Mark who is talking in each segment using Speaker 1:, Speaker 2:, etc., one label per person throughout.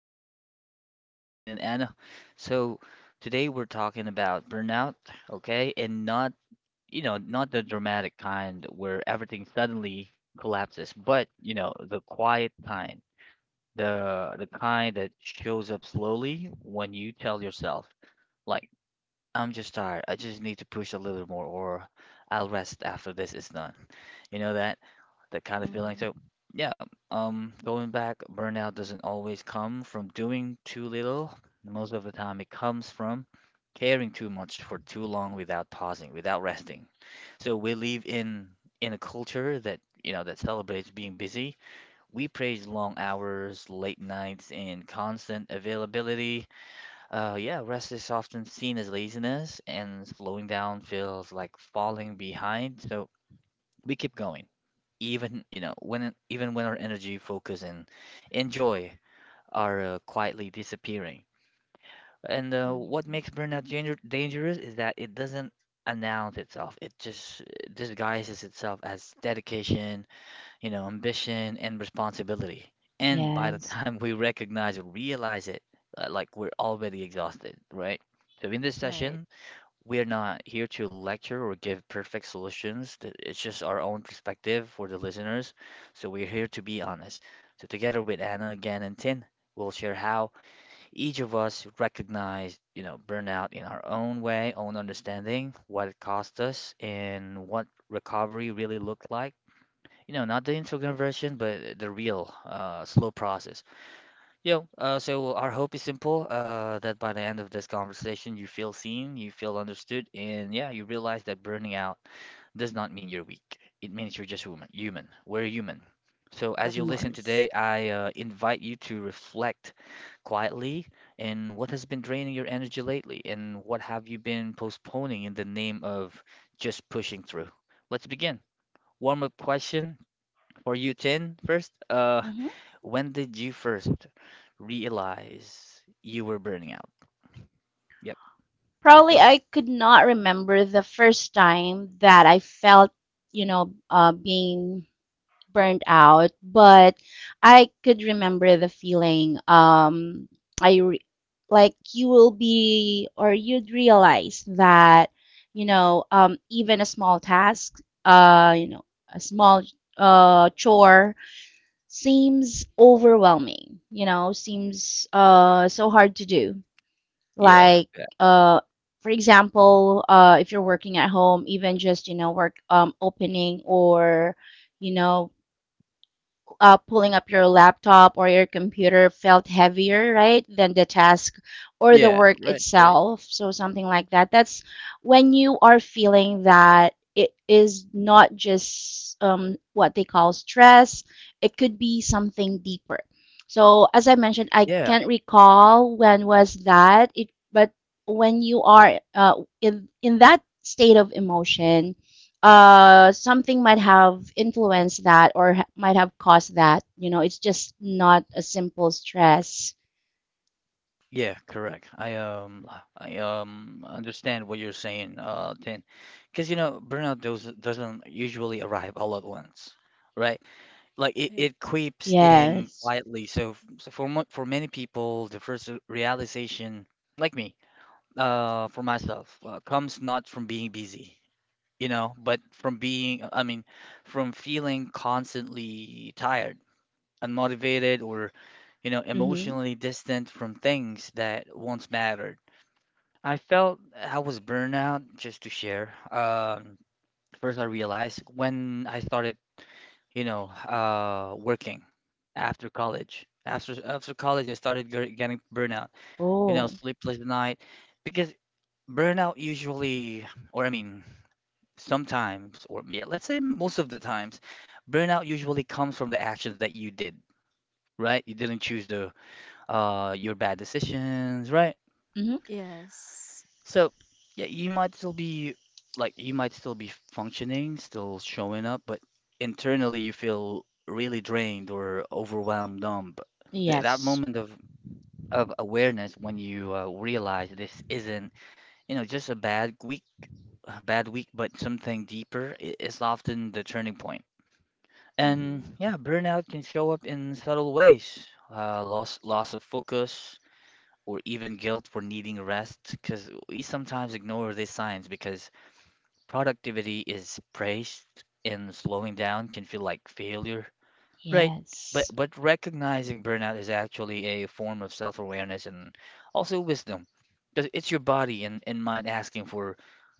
Speaker 1: Thank you, thank you. Welcome, Tim and Anna. So today we're talking about burnout, okay, and not, you know, not the dramatic kind where everything suddenly collapses, but you know, the quiet kind the kind that shows up slowly when you tell yourself. Like, I'm just tired. I just need to push a little more, or I'll rest after this is done. You know that? That kind of feeling. So, yeah, going back, burnout doesn't always come from doing too little. Most of the time, it comes from caring too much for too long without pausing, without resting. So we live in a culture that, you know, that celebrates being busy. We praise long hours, late nights, and constant availability. Yeah, rest is often seen as laziness, and slowing down feels like falling behind. So we keep going, even when our energy, focus, and joy are quietly disappearing. And what
Speaker 2: Hmm.
Speaker 1: makes burnout dangerous is that it doesn't announce itself. It just disguises itself as dedication, you know, ambition and responsibility. And by the
Speaker 3: Yes.
Speaker 1: time we recognize or realize it, like we're already exhausted, right? So in this
Speaker 2: Right.
Speaker 1: session, we are not here to lecture or give perfect solutions. It's just our own perspective for the listeners. So we're here to be honest. So together with Anna again and Tin, we'll share how each of us recognize, you know, burnout in our own way, own understanding, what it cost us, and what recovery really looked like, you know, not the Instagram version, but the real slow process. You know, so our hope is simple, that by the end of this conversation, you feel seen, you feel understood, and yeah, you realize that burning out does not mean you're weak. It means you're just human. Human. We're human. So as
Speaker 2: Of
Speaker 1: you
Speaker 3: Mm-hmm.
Speaker 1: listen
Speaker 2: course.
Speaker 1: today, I invite you to reflect quietly in what has been draining your energy lately, and what have you been postponing in the name of just pushing through. Let's begin. Warm up question for you, Tin, first,
Speaker 3: Mm-hmm.
Speaker 1: when did you first realize you were burning out? Yep, go
Speaker 3: Probably
Speaker 1: ahead.
Speaker 3: I could not remember the first time that I felt, being burned out, but I could remember the feeling. I re- like you will be, or you'd realize that, even a small task, a small chore seems overwhelming, seems so hard to do.
Speaker 1: Yeah,
Speaker 3: Like,
Speaker 1: yeah,
Speaker 3: uh, for example, if you're working at home, even just, work opening or, you know, pulling up your laptop or your computer felt heavier, right, than the task or the
Speaker 1: yeah,
Speaker 3: work
Speaker 1: right, right.
Speaker 3: itself. So something like that. That's when you are feeling that it is not just what they call stress, it could be something deeper. So as I mentioned, I
Speaker 1: Yeah,
Speaker 3: can't recall when was that. But when you are in that state of emotion, something might have influenced that, or might have caused that, it's just not a simple stress.
Speaker 1: yeah, correct. I I understand what you're saying, Tin, because you know burnout doesn't usually arrive all at once, right? Like it,
Speaker 2: Right.
Speaker 1: it creeps in
Speaker 3: Yes.
Speaker 1: quietly. So, so for for many people, the first realization, like me, for myself, comes not from being busy, you know, but from being, I mean, from feeling constantly tired, unmotivated, or, you know,
Speaker 3: Mm-hmm.
Speaker 1: emotionally distant from things that once mattered. I felt I was burnout, just to share. First, I realized when I started, you know, working after college. After college, I started getting burnout, you know,
Speaker 3: Oh.
Speaker 1: sleepless night, because burnout usually, or I mean, sometimes, or yeah, let's say most of the times, burnout usually comes from the actions that you did, right? You didn't choose the your bad decisions, right?
Speaker 3: Mm-hmm.
Speaker 2: Yes.
Speaker 1: So yeah, you might still be, like you might still be functioning, still showing up, but internally you feel really drained or overwhelmed, numb. Th That
Speaker 3: Yes.
Speaker 1: moment of awareness when you realize this isn't, you know, just a bad week, but something deeper is often the turning point. And
Speaker 2: Mm-hmm.
Speaker 1: yeah, burnout can show up in subtle ways, loss of focus, or even guilt for needing rest. Because we sometimes ignore these signs because productivity is praised, and slowing down can feel like failure, right? But
Speaker 3: Yes.
Speaker 1: but recognizing burnout is actually a form of self-awareness and also wisdom. 'Cause it's your body and mind asking for,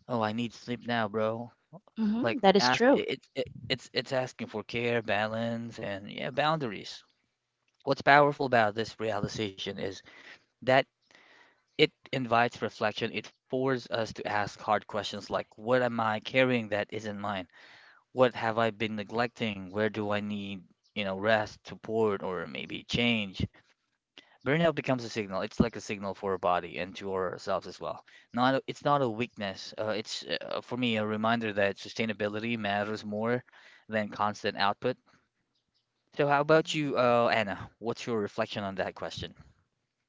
Speaker 1: oh, I need sleep now, bro.
Speaker 3: Mm-hmm.
Speaker 1: Like
Speaker 3: That is
Speaker 1: ask
Speaker 3: true.
Speaker 1: it, it's asking for care, balance, and yeah, boundaries. What's powerful about this realization is that it invites reflection. It forces us to ask hard questions like, what am I carrying that isn't mine? What have I been neglecting? Where do I need, you know, rest, support, or maybe change? Burnout becomes a signal. It's like a signal for our body and to ourselves as well. Not a- It's not a weakness. It's For me, a reminder that sustainability matters more than constant output. So how about you,
Speaker 2: Mm-hmm.
Speaker 1: Anna? What's your reflection on that question?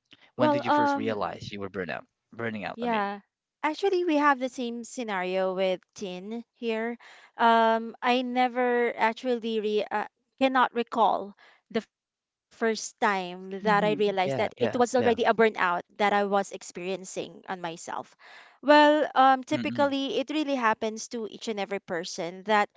Speaker 2: Well,
Speaker 1: When did you first realize you were burnout? Burning out, I mean.
Speaker 2: yeah. Actually, we have the same scenario with Tin here. I never actually re cannot recall the first time that I realized that
Speaker 3: Mm-hmm.
Speaker 2: it
Speaker 1: Yeah,
Speaker 2: was
Speaker 1: yeah,
Speaker 2: already a
Speaker 1: yeah.
Speaker 2: burnout that I was experiencing on myself. Well,
Speaker 1: Mm-mm.
Speaker 2: typically it really happens to each and every person that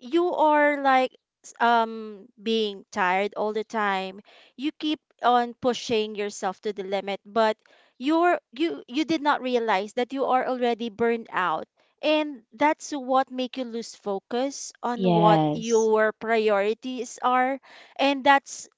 Speaker 2: you are like being tired all the time. You keep on pushing yourself to the limit, but you did not realize that you are already burned out, and that's what make you lose focus on what
Speaker 3: Yes.
Speaker 2: your priorities are, and that's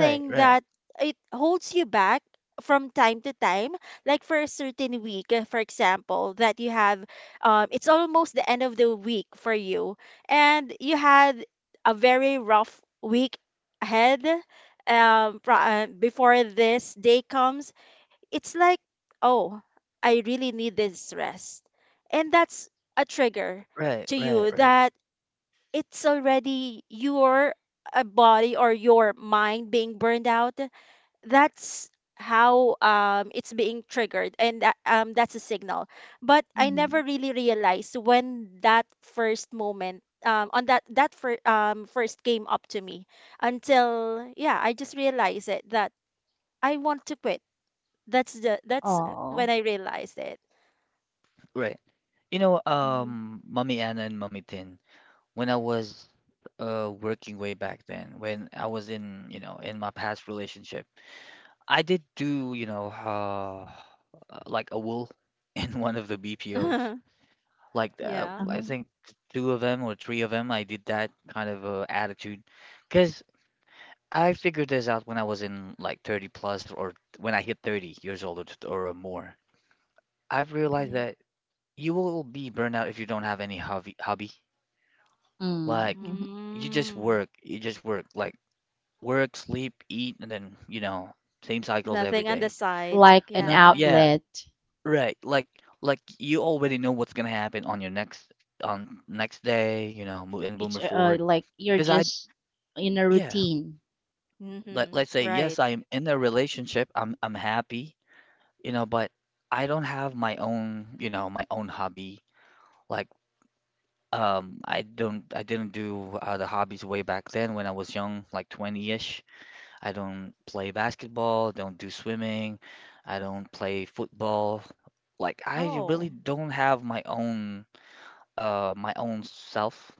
Speaker 1: Right, right,
Speaker 2: that it holds you back from time to time, like for a certain week, for example, that you have, it's almost the end of the week for you and you had a very rough week ahead, before this day comes. It's like, oh, I really need this rest. And that's a trigger
Speaker 1: right,
Speaker 2: to
Speaker 1: right,
Speaker 2: you
Speaker 1: right,
Speaker 2: that it's already your, body or your mind being burned out. That's how, it's being triggered. And that, that's a signal. But I
Speaker 3: Mm-hmm.
Speaker 2: never really realized when that first moment. On that first came up to me, until, yeah, I just realized it that I want to quit. That's
Speaker 3: Oh.
Speaker 2: when I realized it.
Speaker 1: right. You know,
Speaker 2: Mhm.
Speaker 1: Mommy Anna and Mommy Tin, when I was working way back then, when I was in, you know, in my past relationship, I did do, you know, like a wool in one of the BPOs. Like
Speaker 2: Yeah.
Speaker 1: I
Speaker 3: Uh-huh.
Speaker 1: think two of them or three of them, I did that kind of attitude because I figured this out when I was in like 30 plus or when I hit 30 years old or, or more. I've realized
Speaker 2: Yeah.
Speaker 1: that you will be burnout if you don't have any hobby. Like
Speaker 3: Mm-hmm.
Speaker 1: you just
Speaker 2: Mm.
Speaker 1: work, you just work. Like work, sleep, eat, and then, you know, same cycles every
Speaker 2: Nothing on the
Speaker 1: day.
Speaker 2: side.
Speaker 3: Like an
Speaker 1: Not
Speaker 2: Yeah.
Speaker 1: yeah,
Speaker 3: outlet.
Speaker 1: right. Like you already know what's gonna happen on your next, on next day, you know, mo and
Speaker 3: It's
Speaker 1: moving forward.
Speaker 3: like you're
Speaker 1: Because I
Speaker 3: just in a
Speaker 1: Yeah,
Speaker 3: routine.
Speaker 1: let
Speaker 2: Mm-hmm.
Speaker 1: let's say
Speaker 2: Right.
Speaker 1: yes, I am in a relationship. I'm happy, you know, but I don't have my own, you know, my own hobby. Like I don't, I didn't do the hobbies way back then when I was young, like 20-ish. I don't play basketball, don't do swimming, I don't play football. Like I really
Speaker 2: Oh.
Speaker 1: don't have my own self.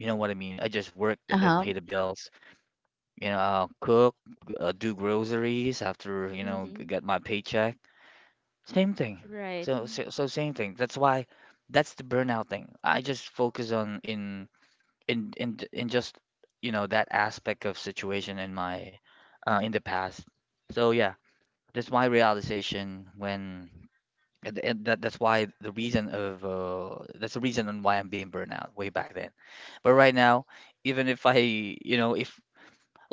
Speaker 1: You know what I mean? I just work and then
Speaker 3: Uh-huh.
Speaker 1: pay the bills. You know, I'll cook, do groceries after, you know,
Speaker 2: Mm-hmm.
Speaker 1: get my paycheck. Same thing.
Speaker 2: Right.
Speaker 1: So, so same thing. That's why that's the burnout thing. I just focus on in j- in just, you know, that aspect of situation in my in the past. So yeah, that's my realization when, and that, that's why the reason of that's the reason on why I'm being burned out way back then. But right now, even if I, you know, if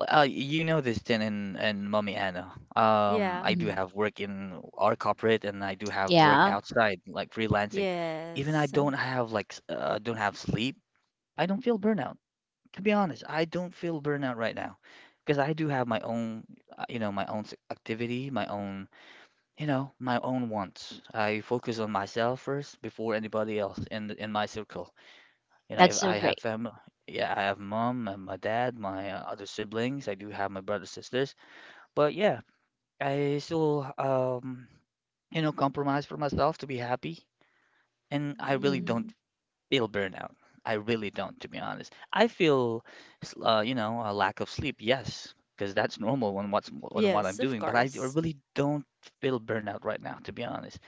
Speaker 1: you know this thing in Mommy Anna,
Speaker 2: Yeah.
Speaker 1: I do
Speaker 3: Mm-hmm.
Speaker 1: have work in our corporate and I do have work
Speaker 3: Yeah,
Speaker 1: outside, like freelancing. Even I
Speaker 2: Yes.
Speaker 1: don't have like don't have sleep, I don't feel burnout. To be honest, I don't feel burnout right now because I do have my own, you know, my own activity, my own, you know, my own wants. I focus on myself first before anybody else in my circle. You know,
Speaker 3: that's
Speaker 1: if
Speaker 3: so
Speaker 1: I have
Speaker 3: great.
Speaker 1: family, yeah, I have mom and my dad, my other siblings. I do have my brothers sisters, but yeah, I still you know, compromise for myself to be happy, and I really
Speaker 3: Mm-hmm.
Speaker 1: don't
Speaker 2: Mm.
Speaker 1: feel burnout. I really don't, to be honest. I feel, you know, a lack of sleep, yes, because that's normal on what's on what I'm
Speaker 2: Yes, of
Speaker 1: doing. But I
Speaker 2: course.
Speaker 1: really don't feel burnout right now, to be honest.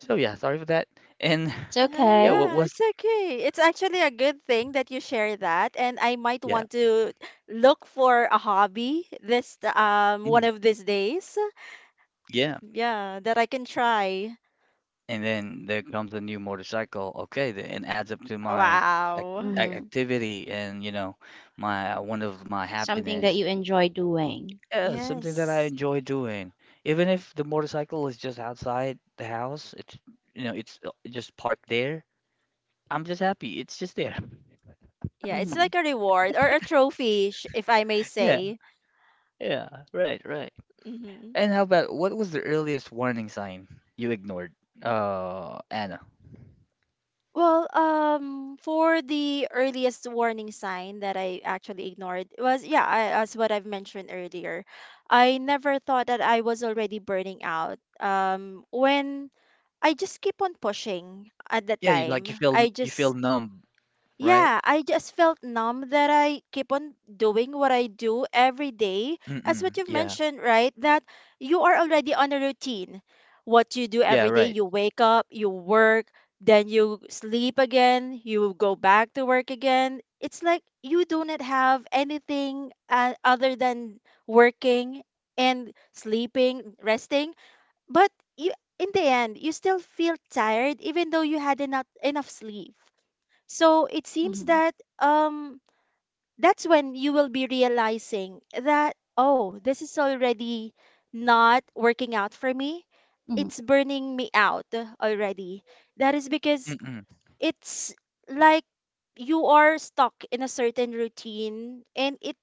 Speaker 1: So yeah, sorry for that. And
Speaker 3: It's
Speaker 2: Uh,
Speaker 1: yeah,
Speaker 3: okay.
Speaker 1: what
Speaker 2: yeah,
Speaker 1: was
Speaker 2: it's okay. It's actually a good thing that you share that, and I might
Speaker 1: yeah,
Speaker 2: want to look for a hobby this, one
Speaker 1: mm,
Speaker 2: of these days.
Speaker 1: yeah.
Speaker 2: Yeah, that I can try.
Speaker 1: And then there comes a new motorcycle. Okay, the, and adds up to my ac
Speaker 2: Wow.
Speaker 3: Mm-hmm.
Speaker 1: activity and you know my one of my
Speaker 3: Something that
Speaker 1: happiness.
Speaker 3: you enjoy doing.
Speaker 1: Yeah, something that I
Speaker 2: Yes.
Speaker 1: enjoy doing, even if the motorcycle is just outside the house. It's you know it's just parked there. I'm just happy. It's just there.
Speaker 2: Yeah, it's
Speaker 3: Mm-hmm.
Speaker 2: like a reward or a trophy, if I may
Speaker 1: Yeah,
Speaker 2: say.
Speaker 1: yeah, right, right.
Speaker 2: Hmm.
Speaker 1: And how about what was the earliest warning sign you ignored, Anna?
Speaker 2: Well, for the earliest warning sign that I actually ignored was, yeah, as what I've mentioned earlier, I never thought that I was already burning out. When I just keep on pushing at the
Speaker 1: Yeah, you like
Speaker 2: time, I
Speaker 1: you feel
Speaker 2: just.
Speaker 1: numb, right?
Speaker 2: Yeah, I just felt numb that I keep on doing what I do every day, as
Speaker 1: Mm-mm.
Speaker 2: what you've
Speaker 1: Yeah.
Speaker 2: mentioned, right? That you are already on a routine. What you do
Speaker 1: Yeah,
Speaker 2: every day,
Speaker 1: right.
Speaker 2: you wake up, you work, then you sleep again, you go back to work again. It's like you do not have anything, other than working and sleeping, resting. But you, in the end, you still feel tired even though you had enough sleep. So it seems
Speaker 3: Mm-hmm.
Speaker 2: that, that's when you will be realizing that, oh, this is already not working out for me.
Speaker 3: Mm-hmm.
Speaker 2: It's burning me out already. That is because
Speaker 1: Mm-mm.
Speaker 2: it's like you are stuck in a certain routine, and it,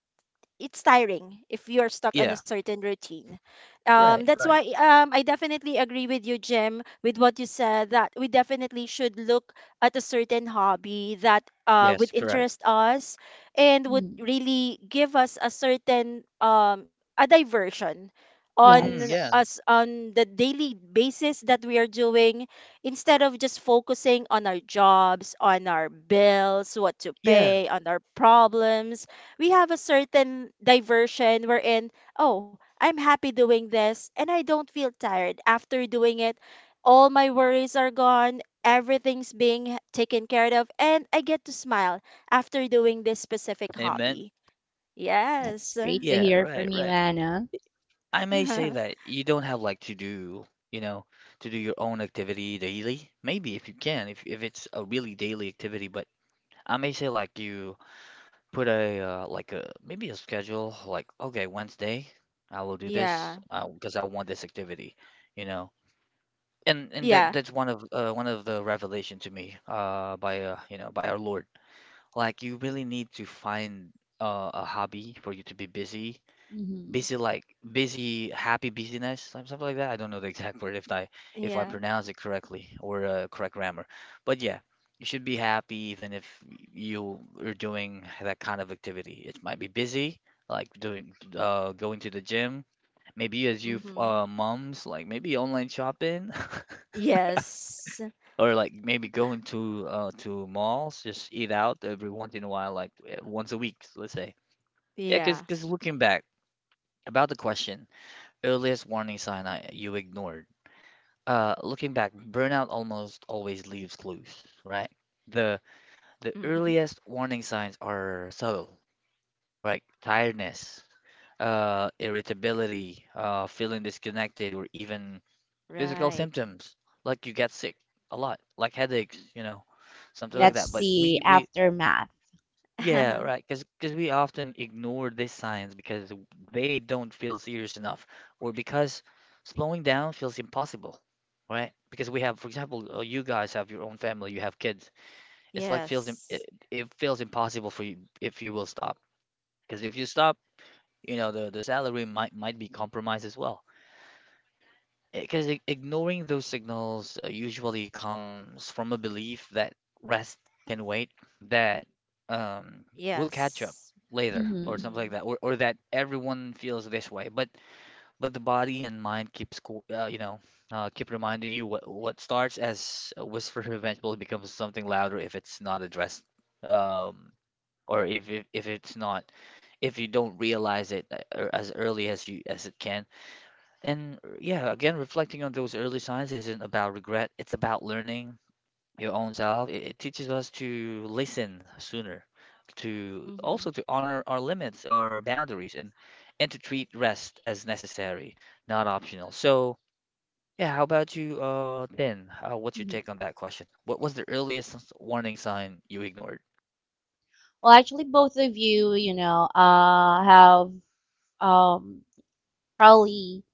Speaker 2: it's tiring if you're stuck on
Speaker 1: Yeah.
Speaker 2: a certain routine.
Speaker 1: Right,
Speaker 2: That's
Speaker 1: right.
Speaker 2: why, I definitely agree with you, Jim, with what you said that we definitely should look at a certain hobby that would
Speaker 1: Yes, correct.
Speaker 2: interest us and would
Speaker 3: Mm-hmm.
Speaker 2: really give us a certain, a diversion
Speaker 1: Mm,
Speaker 2: on
Speaker 1: yeah.
Speaker 3: Yes.
Speaker 2: us on the daily basis that we are doing, instead of just focusing on our jobs, on our bills, what to
Speaker 1: Yeah.
Speaker 2: pay, on our problems. We have a certain diversion wherein, oh, I'm happy doing this and I don't feel tired after doing it. All my worries are gone, everything's being taken care of, and I get to smile after doing this specific
Speaker 1: Amen.
Speaker 2: hobby.
Speaker 3: That's
Speaker 2: Yes.
Speaker 3: great to
Speaker 1: Yeah,
Speaker 3: hear
Speaker 1: right,
Speaker 3: from you,
Speaker 1: right.
Speaker 3: Anna.
Speaker 1: I may
Speaker 2: Yeah.
Speaker 1: say that you don't have like to do, you know, to do your own activity daily. Maybe if you can, if it's a really daily activity, but I may say like you put a like a maybe a schedule like okay, Wednesday I will do this because I want this activity, you know. And that
Speaker 2: Yeah.
Speaker 1: that's one of the revelation to me by by our Lord. Like, you really need to find a hobby for you to be busy,
Speaker 3: Mm-hmm.
Speaker 1: busy like busy, happy busyness, something like that. I don't know the exact word if I
Speaker 2: Yeah.
Speaker 1: pronounce it correctly or correct grammar, but yeah, you should be happy even if you are doing that kind of activity. It might be busy, like doing going to the gym, maybe as you
Speaker 2: Mm-hmm.
Speaker 1: moms, like maybe online shopping.
Speaker 2: Yes.
Speaker 1: Or like maybe going to malls, just eat out every once in a while, like once a week, let's say. Yeah, because
Speaker 2: Yeah.
Speaker 1: because looking back about the question, earliest warning sign I you ignored. Looking back, burnout almost always leaves clues, right? The the
Speaker 2: Mm-hmm.
Speaker 1: earliest warning signs are subtle, like tiredness, irritability, feeling disconnected, or even physical
Speaker 2: Right.
Speaker 1: symptoms, like you get sick a lot, like headaches, you know, something like
Speaker 3: That's
Speaker 1: that. But
Speaker 3: the
Speaker 1: we
Speaker 2: Yes.
Speaker 1: we
Speaker 3: aftermath.
Speaker 1: Yeah, right. Because we often ignore these signs because they don't feel serious enough, or because slowing down feels impossible, right? Because we have, for example, you guys have your own family, you have kids. It's like feels
Speaker 2: Yes.
Speaker 1: it feels impossible for you if you will stop. Because if you stop, you know the salary might be compromised as well. Because ignoring those signals usually comes from a belief that rest can wait, that um, we'll catch up
Speaker 2: Yes.
Speaker 1: later, or
Speaker 3: Mm-hmm.
Speaker 1: something like
Speaker 2: Mm-hmm.
Speaker 1: that, or that everyone feels this way. But the body and mind you know, keep reminding you. What starts as a whisper eventually becomes something louder if it's not addressed, um, or if it's not, if you don't realize it as early as you as it can. And yeah, again, reflecting on those early signs isn't about regret, it's about learning your own self. It teaches us to listen sooner, to also
Speaker 2: Mm-hmm.
Speaker 1: to honor our limits or boundaries, and to treat rest as necessary, not optional. So, yeah, how about you, Tin? What's your
Speaker 3: Mm-hmm.
Speaker 1: take on that question? What was the earliest warning sign you ignored?
Speaker 3: Well, actually, both of you, have um, probably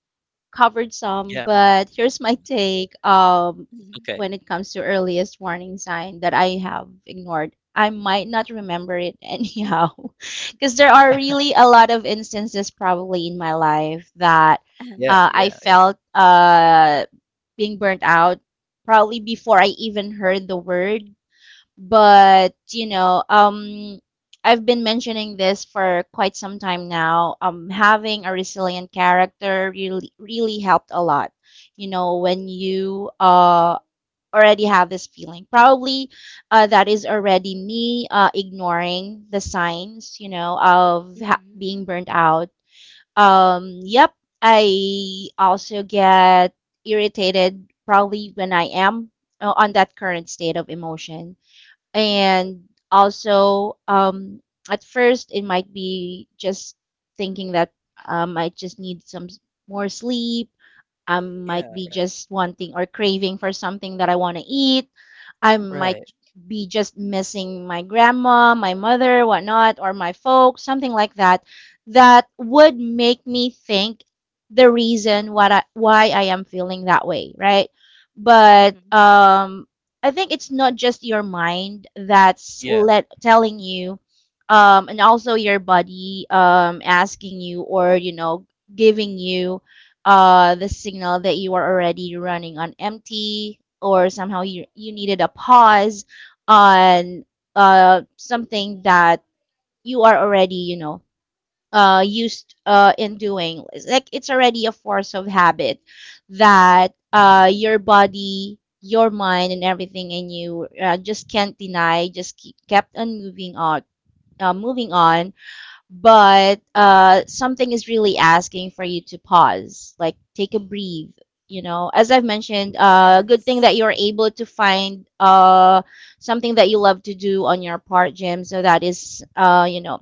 Speaker 3: covered some,
Speaker 1: Yeah.
Speaker 3: but here's my
Speaker 1: mm,
Speaker 3: take
Speaker 2: Mm-hmm.
Speaker 1: Okay.
Speaker 3: when it comes to earliest warning sign that I have ignored. I might not remember it anyhow, because there are really a lot of instances probably in my life that
Speaker 1: Yeah,
Speaker 3: I
Speaker 1: yeah, yeah.
Speaker 3: felt being burnt out probably before I even heard the word, but I've been mentioning this for quite some time now. Having a resilient character really really helped a lot, when you already have this feeling, probably that is already me ignoring the signs, of
Speaker 2: Mhm,
Speaker 3: being burnt out. Yep, I also get irritated probably when I am on that current state of emotion, and also at first it might be just thinking that I just need more sleep. I might
Speaker 1: Yeah,
Speaker 3: be
Speaker 1: right.
Speaker 3: just wanting or craving for something that I want to eat. I might
Speaker 1: Right.
Speaker 3: be just missing my grandma, my mother, whatnot, or my folks, something like that, that would make me think the reason what I, why I am feeling that way, right? But
Speaker 2: mhm.
Speaker 3: I think it's not just your mind that's
Speaker 1: Yeah.
Speaker 3: let telling you, and also your body asking you, or giving you the signal that you are already running on empty, or somehow you needed a pause on something that you are already, used in doing. It's like it's already a force of habit that your body, your mind, and everything in you just can't deny, just kept on moving on. Uh, moving on but something is really asking for you to pause, like take a breathe. As I've mentioned, good thing
Speaker 2: Yes.
Speaker 3: that you're able to find something that you love to do on your part, Jim. So that is,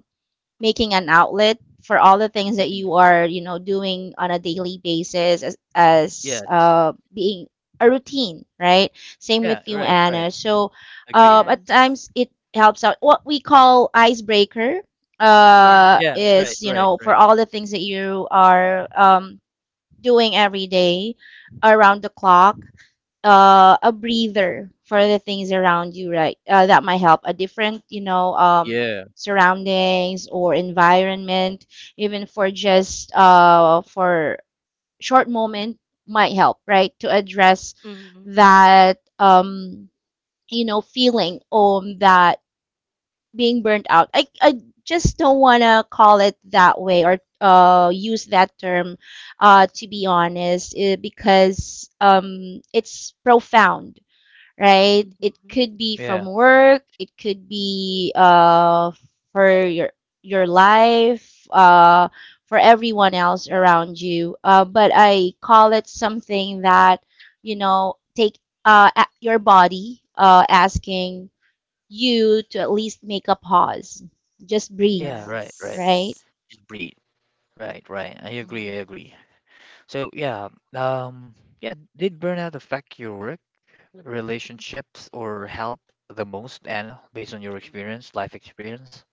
Speaker 3: making an outlet for all the things
Speaker 1: mm,
Speaker 3: that
Speaker 1: mm,
Speaker 3: you are, doing on a daily basis, as,
Speaker 1: Yes.
Speaker 3: being a routine, right? Same
Speaker 1: Yeah,
Speaker 3: with you,
Speaker 1: right, right.
Speaker 3: Anna. So
Speaker 1: Agree.
Speaker 3: at
Speaker 2: Yes.
Speaker 3: times it helps out. What we call icebreaker,
Speaker 2: Yes. Yeah.
Speaker 1: Yeah,
Speaker 3: is,
Speaker 1: right,
Speaker 3: you
Speaker 1: right,
Speaker 3: know, for
Speaker 1: right.
Speaker 3: all the things that you are doing every day around the clock, a breather for the things around you, right? That might help. A different,
Speaker 1: Yeah,
Speaker 3: surroundings or environment, even for just for short moment, might help, right? To address
Speaker 2: Mhm,
Speaker 3: that, feeling that being burnt out. I just don't wanna call it that way, or use that term, to be honest, because it's profound, right? It
Speaker 2: mhm.
Speaker 3: could be
Speaker 1: yeah,
Speaker 3: from work, it could be for your life, for everyone else around you. But I call it something that, take your body asking you to at least make a pause. Just breathe,
Speaker 1: yeah, right, right.
Speaker 3: right?
Speaker 2: Yes.
Speaker 1: Just breathe. Right, right. I agree, I
Speaker 2: Mhm.
Speaker 1: agree. So yeah, um, yeah, did burnout affect your work, relationships, or health the most, Anna, based on your experience, life experience?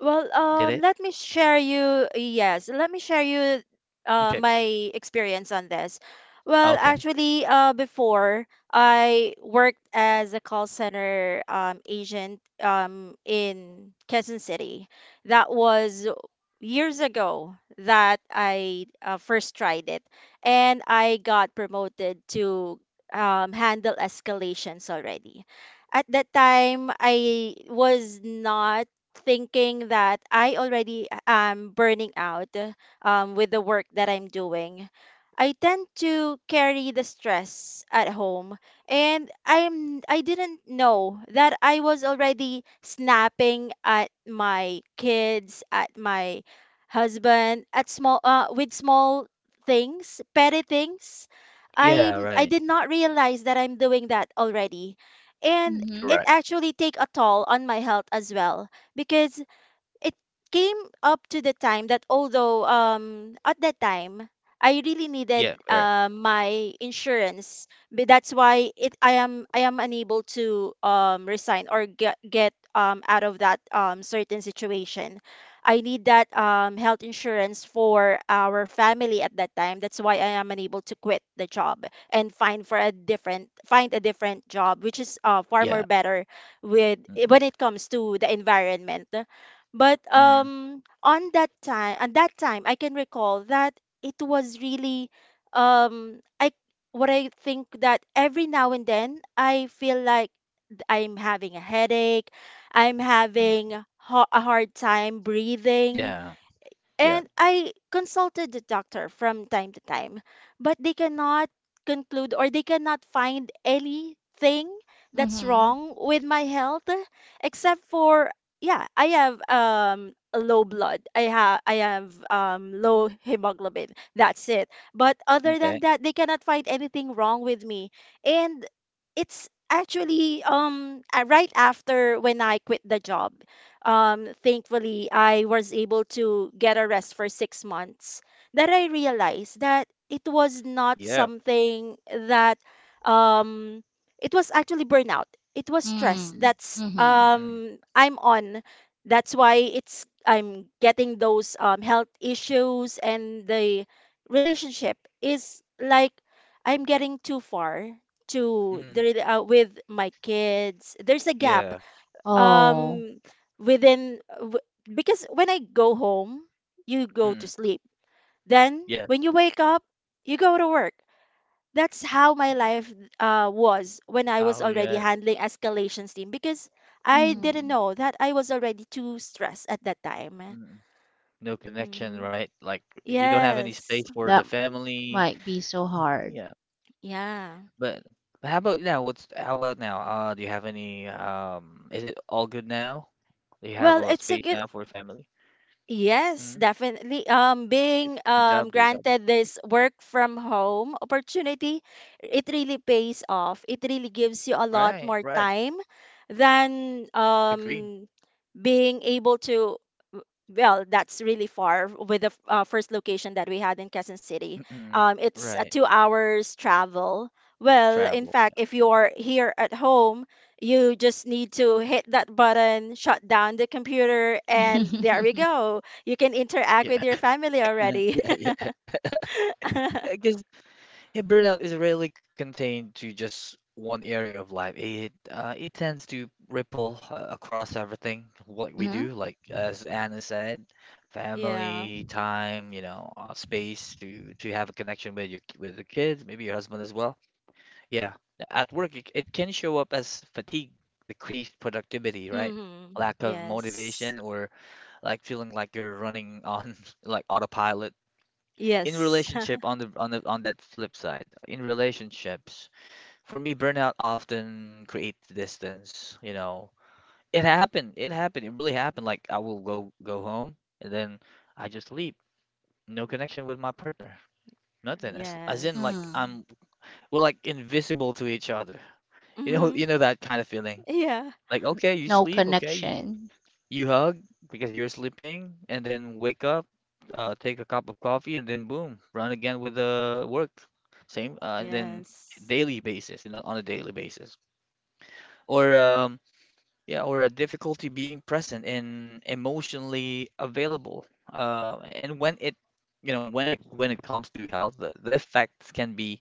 Speaker 2: Well,
Speaker 1: Did it?
Speaker 2: let me share you. Yes, let me share you
Speaker 1: Okay,
Speaker 2: my experience on this. Well,
Speaker 1: okay.
Speaker 2: actually, before I worked as a call center, agent, in Quezon City. That was years ago that I first tried it, and I got promoted to, handle escalations already. At that time, I was not thinking that I already am burning out, with the work that I'm doing. I tend to carry the stress at home, and I didn't know that I was already snapping at my kids, at my husband, at small with small things, petty things. I
Speaker 1: Yeah,
Speaker 2: I
Speaker 1: right.
Speaker 2: did not realize that I'm doing that already, and
Speaker 3: Mm-hmm.
Speaker 2: it
Speaker 1: Correct.
Speaker 2: actually take a toll on my health as well, because it came up to the time that, although, at that time I really
Speaker 1: Yeah,
Speaker 2: needed
Speaker 1: right.
Speaker 2: my insurance, but that's why it I am unable to, resign or get out of that, certain situation. I need that, health insurance for our family at that time. That's why I am unable to quit the job and find a different job, which is far more
Speaker 1: Yeah.
Speaker 2: better with when
Speaker 1: Mm-mm.
Speaker 2: it comes to the environment. But,
Speaker 1: Mm-mm.
Speaker 2: at that time, I can recall that it was really, I what I think that every now and then I feel like I'm having a headache, I'm having
Speaker 1: mm,
Speaker 2: a hard time breathing,
Speaker 1: Yeah, yeah.
Speaker 2: and I consulted the doctor from time to time, but they cannot conclude or they cannot find anything that's
Speaker 3: Mm-hmm.
Speaker 2: wrong with my health, except for, yeah, I have low blood. I have low hemoglobin. That's it. But other
Speaker 1: Okay.
Speaker 2: than that, they cannot find anything wrong with me. And it's actually, right after when I quit the job, thankfully, I was able to get a rest for 6 months, that I realized that it was not
Speaker 1: Yeah.
Speaker 2: something that, um, it was actually burnout. It was stress.
Speaker 3: Mm.
Speaker 2: That's,
Speaker 3: Mm-hmm.
Speaker 1: Mm-mm.
Speaker 2: I'm on. That's why it's I'm getting those, health issues, and the relationship is like I'm getting too far
Speaker 1: Mm.
Speaker 2: with my kids. There's a gap,
Speaker 1: Yeah.
Speaker 3: Oh.
Speaker 2: um within. Because when I go home, you go to
Speaker 1: Mm-mm.
Speaker 2: sleep. Then
Speaker 1: Yeah.
Speaker 2: when you wake up, you go to work. That's how my life was when I was
Speaker 1: Oh,
Speaker 2: already
Speaker 1: yeah.
Speaker 2: handling escalations team, because I didn't
Speaker 3: Mm-hmm.
Speaker 2: know that I was already too stressed at that time.
Speaker 1: No connection,
Speaker 2: Hmm.
Speaker 1: right? Like you don't have any
Speaker 2: Yes.
Speaker 1: space for the
Speaker 3: That
Speaker 1: family.
Speaker 3: might be so hard.
Speaker 1: Yeah.
Speaker 2: Yeah.
Speaker 1: But, but how about now? What's How about now? Do you have any is it all good now? Do you have
Speaker 2: Well,
Speaker 1: a
Speaker 2: it's a
Speaker 1: space
Speaker 2: good.
Speaker 1: now for family?
Speaker 2: Yes,
Speaker 1: Hmm.
Speaker 2: definitely.
Speaker 1: Good,
Speaker 2: Being,
Speaker 1: good job, good job.
Speaker 2: granted this work from home opportunity, it really pays off. It really gives you a lot
Speaker 1: Right,
Speaker 2: more
Speaker 1: right.
Speaker 2: time than,
Speaker 1: Agree.
Speaker 2: being able to. Well, that's really far with the first location that we had in Quezon City,
Speaker 1: Mm-mm.
Speaker 2: it's a
Speaker 1: Right.
Speaker 2: 2 hours travel. Well, in
Speaker 1: Travel.
Speaker 2: fact, if you are here at home, you just need to hit that button, shut down the computer, and there we go, you can interact with
Speaker 1: Yeah.
Speaker 2: your family
Speaker 1: Yeah.
Speaker 2: already.
Speaker 1: Yeah, yeah. Yeah, burnout is rarely contained to just one area of life. It tends to ripple across everything what we
Speaker 3: Mm-hmm.
Speaker 1: do, like as Anna said,
Speaker 2: Yeah.
Speaker 1: family, time, you know, space to have a connection with your with the kids, maybe your husband as well. Yeah, at work it can show up as fatigue, decreased productivity, right?
Speaker 2: Mm-hmm.
Speaker 1: Lack of
Speaker 2: Yes.
Speaker 1: motivation or like feeling like you're running on like autopilot. In
Speaker 2: Yes.
Speaker 1: relationship, on the on that flip side, in relationships, for me burnout often creates distance, you know. It happened, it really happened. Like, I will go home, and then I just leave. No connection with my partner, nothing. As, as in like
Speaker 2: Yes.
Speaker 3: Mm.
Speaker 1: I'm, we're like invisible to each other, you know.
Speaker 2: Mm-hmm.
Speaker 1: You know that kind of feeling,
Speaker 2: Yeah.
Speaker 1: like okay, you
Speaker 3: No
Speaker 1: sleep, okay.
Speaker 3: connection.
Speaker 1: You hug because you're sleeping, and then wake up, take a cup of coffee, and then boom, run again with the work. Same, and then
Speaker 2: Yes.
Speaker 1: daily basis, you know, on a daily basis. Or yeah, or a difficulty being present and emotionally available. And when when it comes to health, the effects can be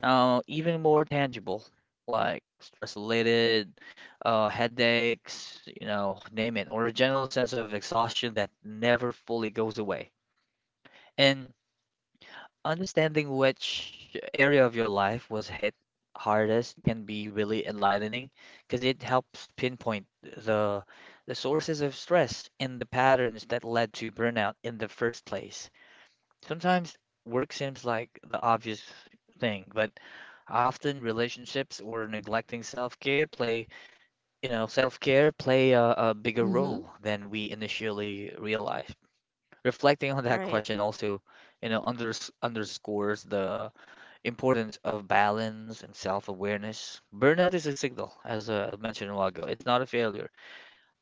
Speaker 1: even more tangible, like stress related, headaches, you know, name it, or a general sense of exhaustion that never fully goes away. And understanding which area of your life was hit hardest can be really enlightening because it helps pinpoint the the sources of stress and the patterns that led to burnout in the first place. Sometimes work seems like the obvious thing, but often relationships or neglecting self-care self-care play a bigger
Speaker 3: Mm-hmm.
Speaker 1: role than we initially realized. Reflecting on that
Speaker 2: Right.
Speaker 1: question also, you know, underscores the importance of balance and self-awareness. Burnout is a signal, as I mentioned a while ago. It's not a failure.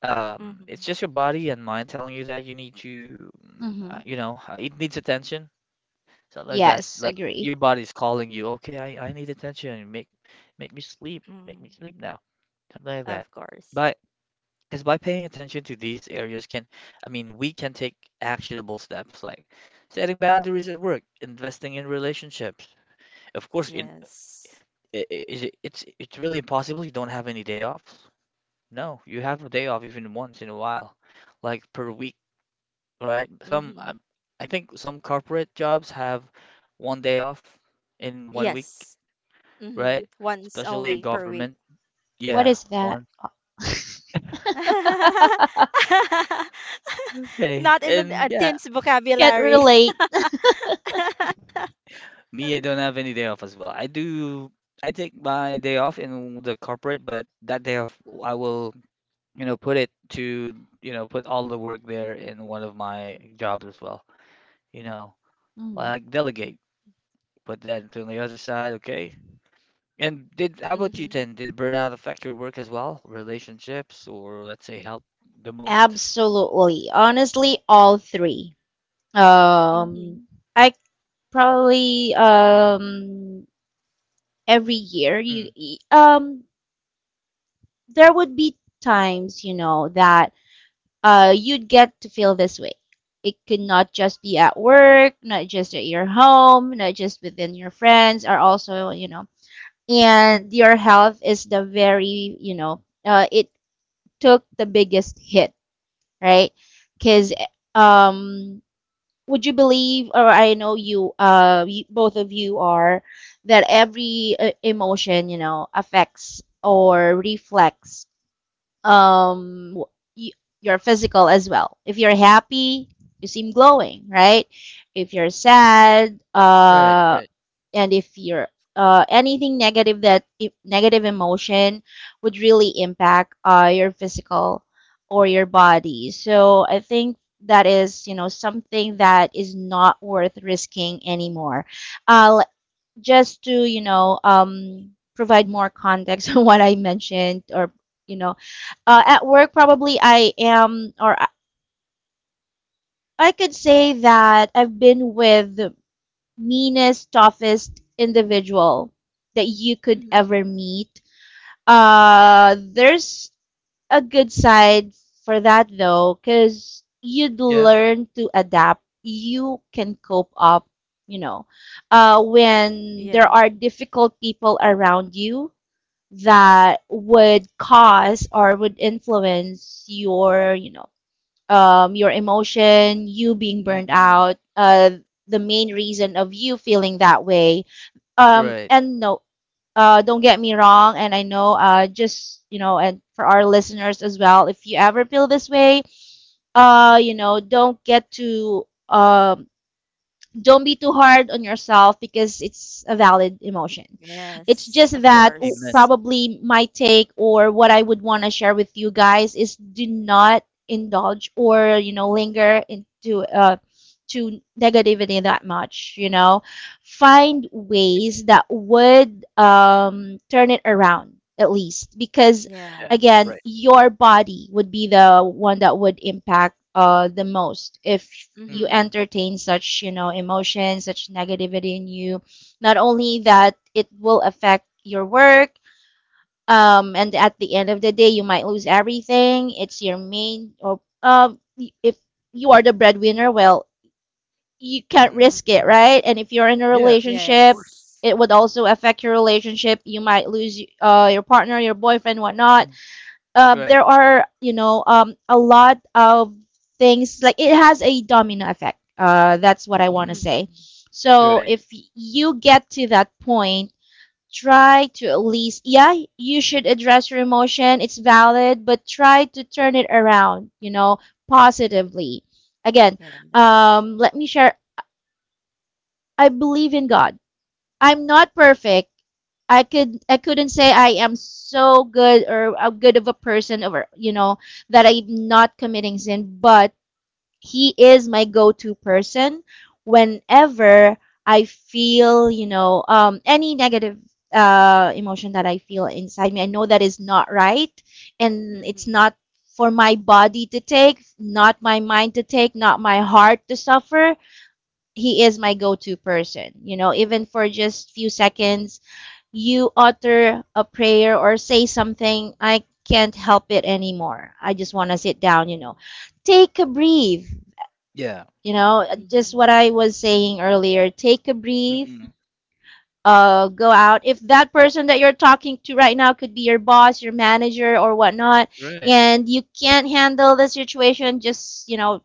Speaker 1: It's
Speaker 2: Hmm.
Speaker 1: just your body and mind telling you that you need to,
Speaker 3: Mm-hmm.
Speaker 1: you know, it needs attention. Something like that.
Speaker 3: Yes,
Speaker 1: Like your
Speaker 3: agree.
Speaker 1: body's calling you, okay, I need attention. Make me sleep. Make me
Speaker 2: Mm,
Speaker 1: sleep now. Something like that.
Speaker 2: of course.
Speaker 1: But because by paying attention to these areas can, I mean, we can take actionable steps like setting boundaries at work, investing in relationships. Of course, in
Speaker 2: Yes.
Speaker 1: is it, it's really impossible you don't have any day offs. No, you have a day off even once in a while, like per week, right? Some,
Speaker 2: Mm-hmm.
Speaker 1: I think some corporate jobs have one day off in one week,
Speaker 2: Yes. Mm-hmm.
Speaker 1: right?
Speaker 2: Once
Speaker 1: Especially in
Speaker 2: only per week.
Speaker 1: government.
Speaker 3: What
Speaker 1: Yeah,
Speaker 3: is that?
Speaker 1: one. Okay.
Speaker 2: Not in a,
Speaker 1: And
Speaker 2: a
Speaker 1: yeah,
Speaker 2: teen's
Speaker 3: Can't
Speaker 2: vocabulary.
Speaker 3: relate.
Speaker 1: me, I don't have any day off as well. I do, I take my day off in the corporate, but that day off, I will, you know, put it to, you know, put all the work there in one of my jobs as well, you know,
Speaker 3: Mm.
Speaker 1: like delegate. But then on the other side, okay. And did how about you
Speaker 2: Mm-hmm.
Speaker 1: then? Did burnout affect your work as well, relationships, or let's say help the most?
Speaker 3: Absolutely. Honestly, all three. Um,
Speaker 2: Mm-hmm.
Speaker 3: I Probably every year,
Speaker 1: Mm,
Speaker 3: there would be times, that you'd get to feel this way. It could not just be at work, not just at your home, not just within your friends, or also, and your health is the very, it took the biggest hit, right? Because, um, would you believe, or I know you, you, both of you are, that every emotion, affects or reflects your physical as well. If you're happy, you seem glowing, right? If you're sad,
Speaker 1: right, right.
Speaker 3: and if you're anything negative, that negative emotion would really impact your physical or your body. So I think that is, something that is not worth risking anymore. Uh, just to provide more context on what I mentioned, or you know, at work, probably I am, or I could say that I've been with the meanest, toughest individual that you could
Speaker 2: Mm-hmm.
Speaker 3: ever meet. There's a good side for that though, because you'd
Speaker 1: Yeah.
Speaker 3: learn to adapt. You can cope up, you know,
Speaker 2: Yes.
Speaker 3: when there are difficult people around you that would cause or would influence your emotion, you being burned
Speaker 1: Mm-mm.
Speaker 3: out, the main reason of you feeling that way. Um,
Speaker 1: Right.
Speaker 3: and no, don't get me wrong, and I know, just and for our listeners as well, if you ever feel this way, uh, you know, don't get too um don't be too hard on yourself because it's a valid emotion.
Speaker 2: Yes.
Speaker 3: It's
Speaker 2: Of
Speaker 3: just that
Speaker 2: course.
Speaker 1: Amen.
Speaker 3: probably my take, or what I would want to share with you guys, is do not indulge or linger into to negativity that much, Find ways that would turn it around at least, because
Speaker 1: Yeah.
Speaker 3: again,
Speaker 1: Right.
Speaker 2: Yes.
Speaker 3: your body would be the one that would impact the most if you
Speaker 2: Mm-hmm.
Speaker 1: Mm-mm.
Speaker 3: entertain such, emotions, such negativity in you. Not only that, it will affect your work, and at the end of the day, you might lose everything. It's your main, or if you are the breadwinner, well, you can't
Speaker 1: Mm-mm.
Speaker 3: risk it,
Speaker 2: Mm-hmm.
Speaker 3: right? And if you're in a
Speaker 1: Yeah, of
Speaker 3: relationship,
Speaker 1: course.
Speaker 2: Yes.
Speaker 3: it would also affect your relationship. You might lose your partner, your boyfriend, whatnot.
Speaker 1: Mm.
Speaker 3: uh,
Speaker 1: Right.
Speaker 3: there are, a lot of things. Like it has a domino effect, that's what I want to
Speaker 1: Mm-mm.
Speaker 3: say.
Speaker 2: Mm-hmm.
Speaker 3: So
Speaker 1: Right.
Speaker 3: if you get to that point, try to at least, yeah, you should address your emotion. It's valid, but try to turn it around, positively. Again,
Speaker 2: Yes.
Speaker 3: let me share. I believe in God. I'm not perfect. I couldn't say I am so good, or a good of a person, or that I'm not committing sin, but he is my go-to person whenever I feel, any negative emotion that I feel inside me. I know that is not right, and it's
Speaker 2: Mm-hmm.
Speaker 3: not for my body to take, not my mind to take, not my heart to suffer. He is my go-to person. You know, even for just few seconds, you utter a prayer or say something. I can't help it anymore. I just want to sit down. Take a breathe,
Speaker 1: Yeah.
Speaker 3: just
Speaker 2: Mm-hmm.
Speaker 3: what I was saying earlier. Take a breathe,
Speaker 1: Mm-mm.
Speaker 3: go out. If that person that you're talking to right now could be your boss, your manager, or whatnot,
Speaker 1: Right.
Speaker 3: and you can't handle the situation, just,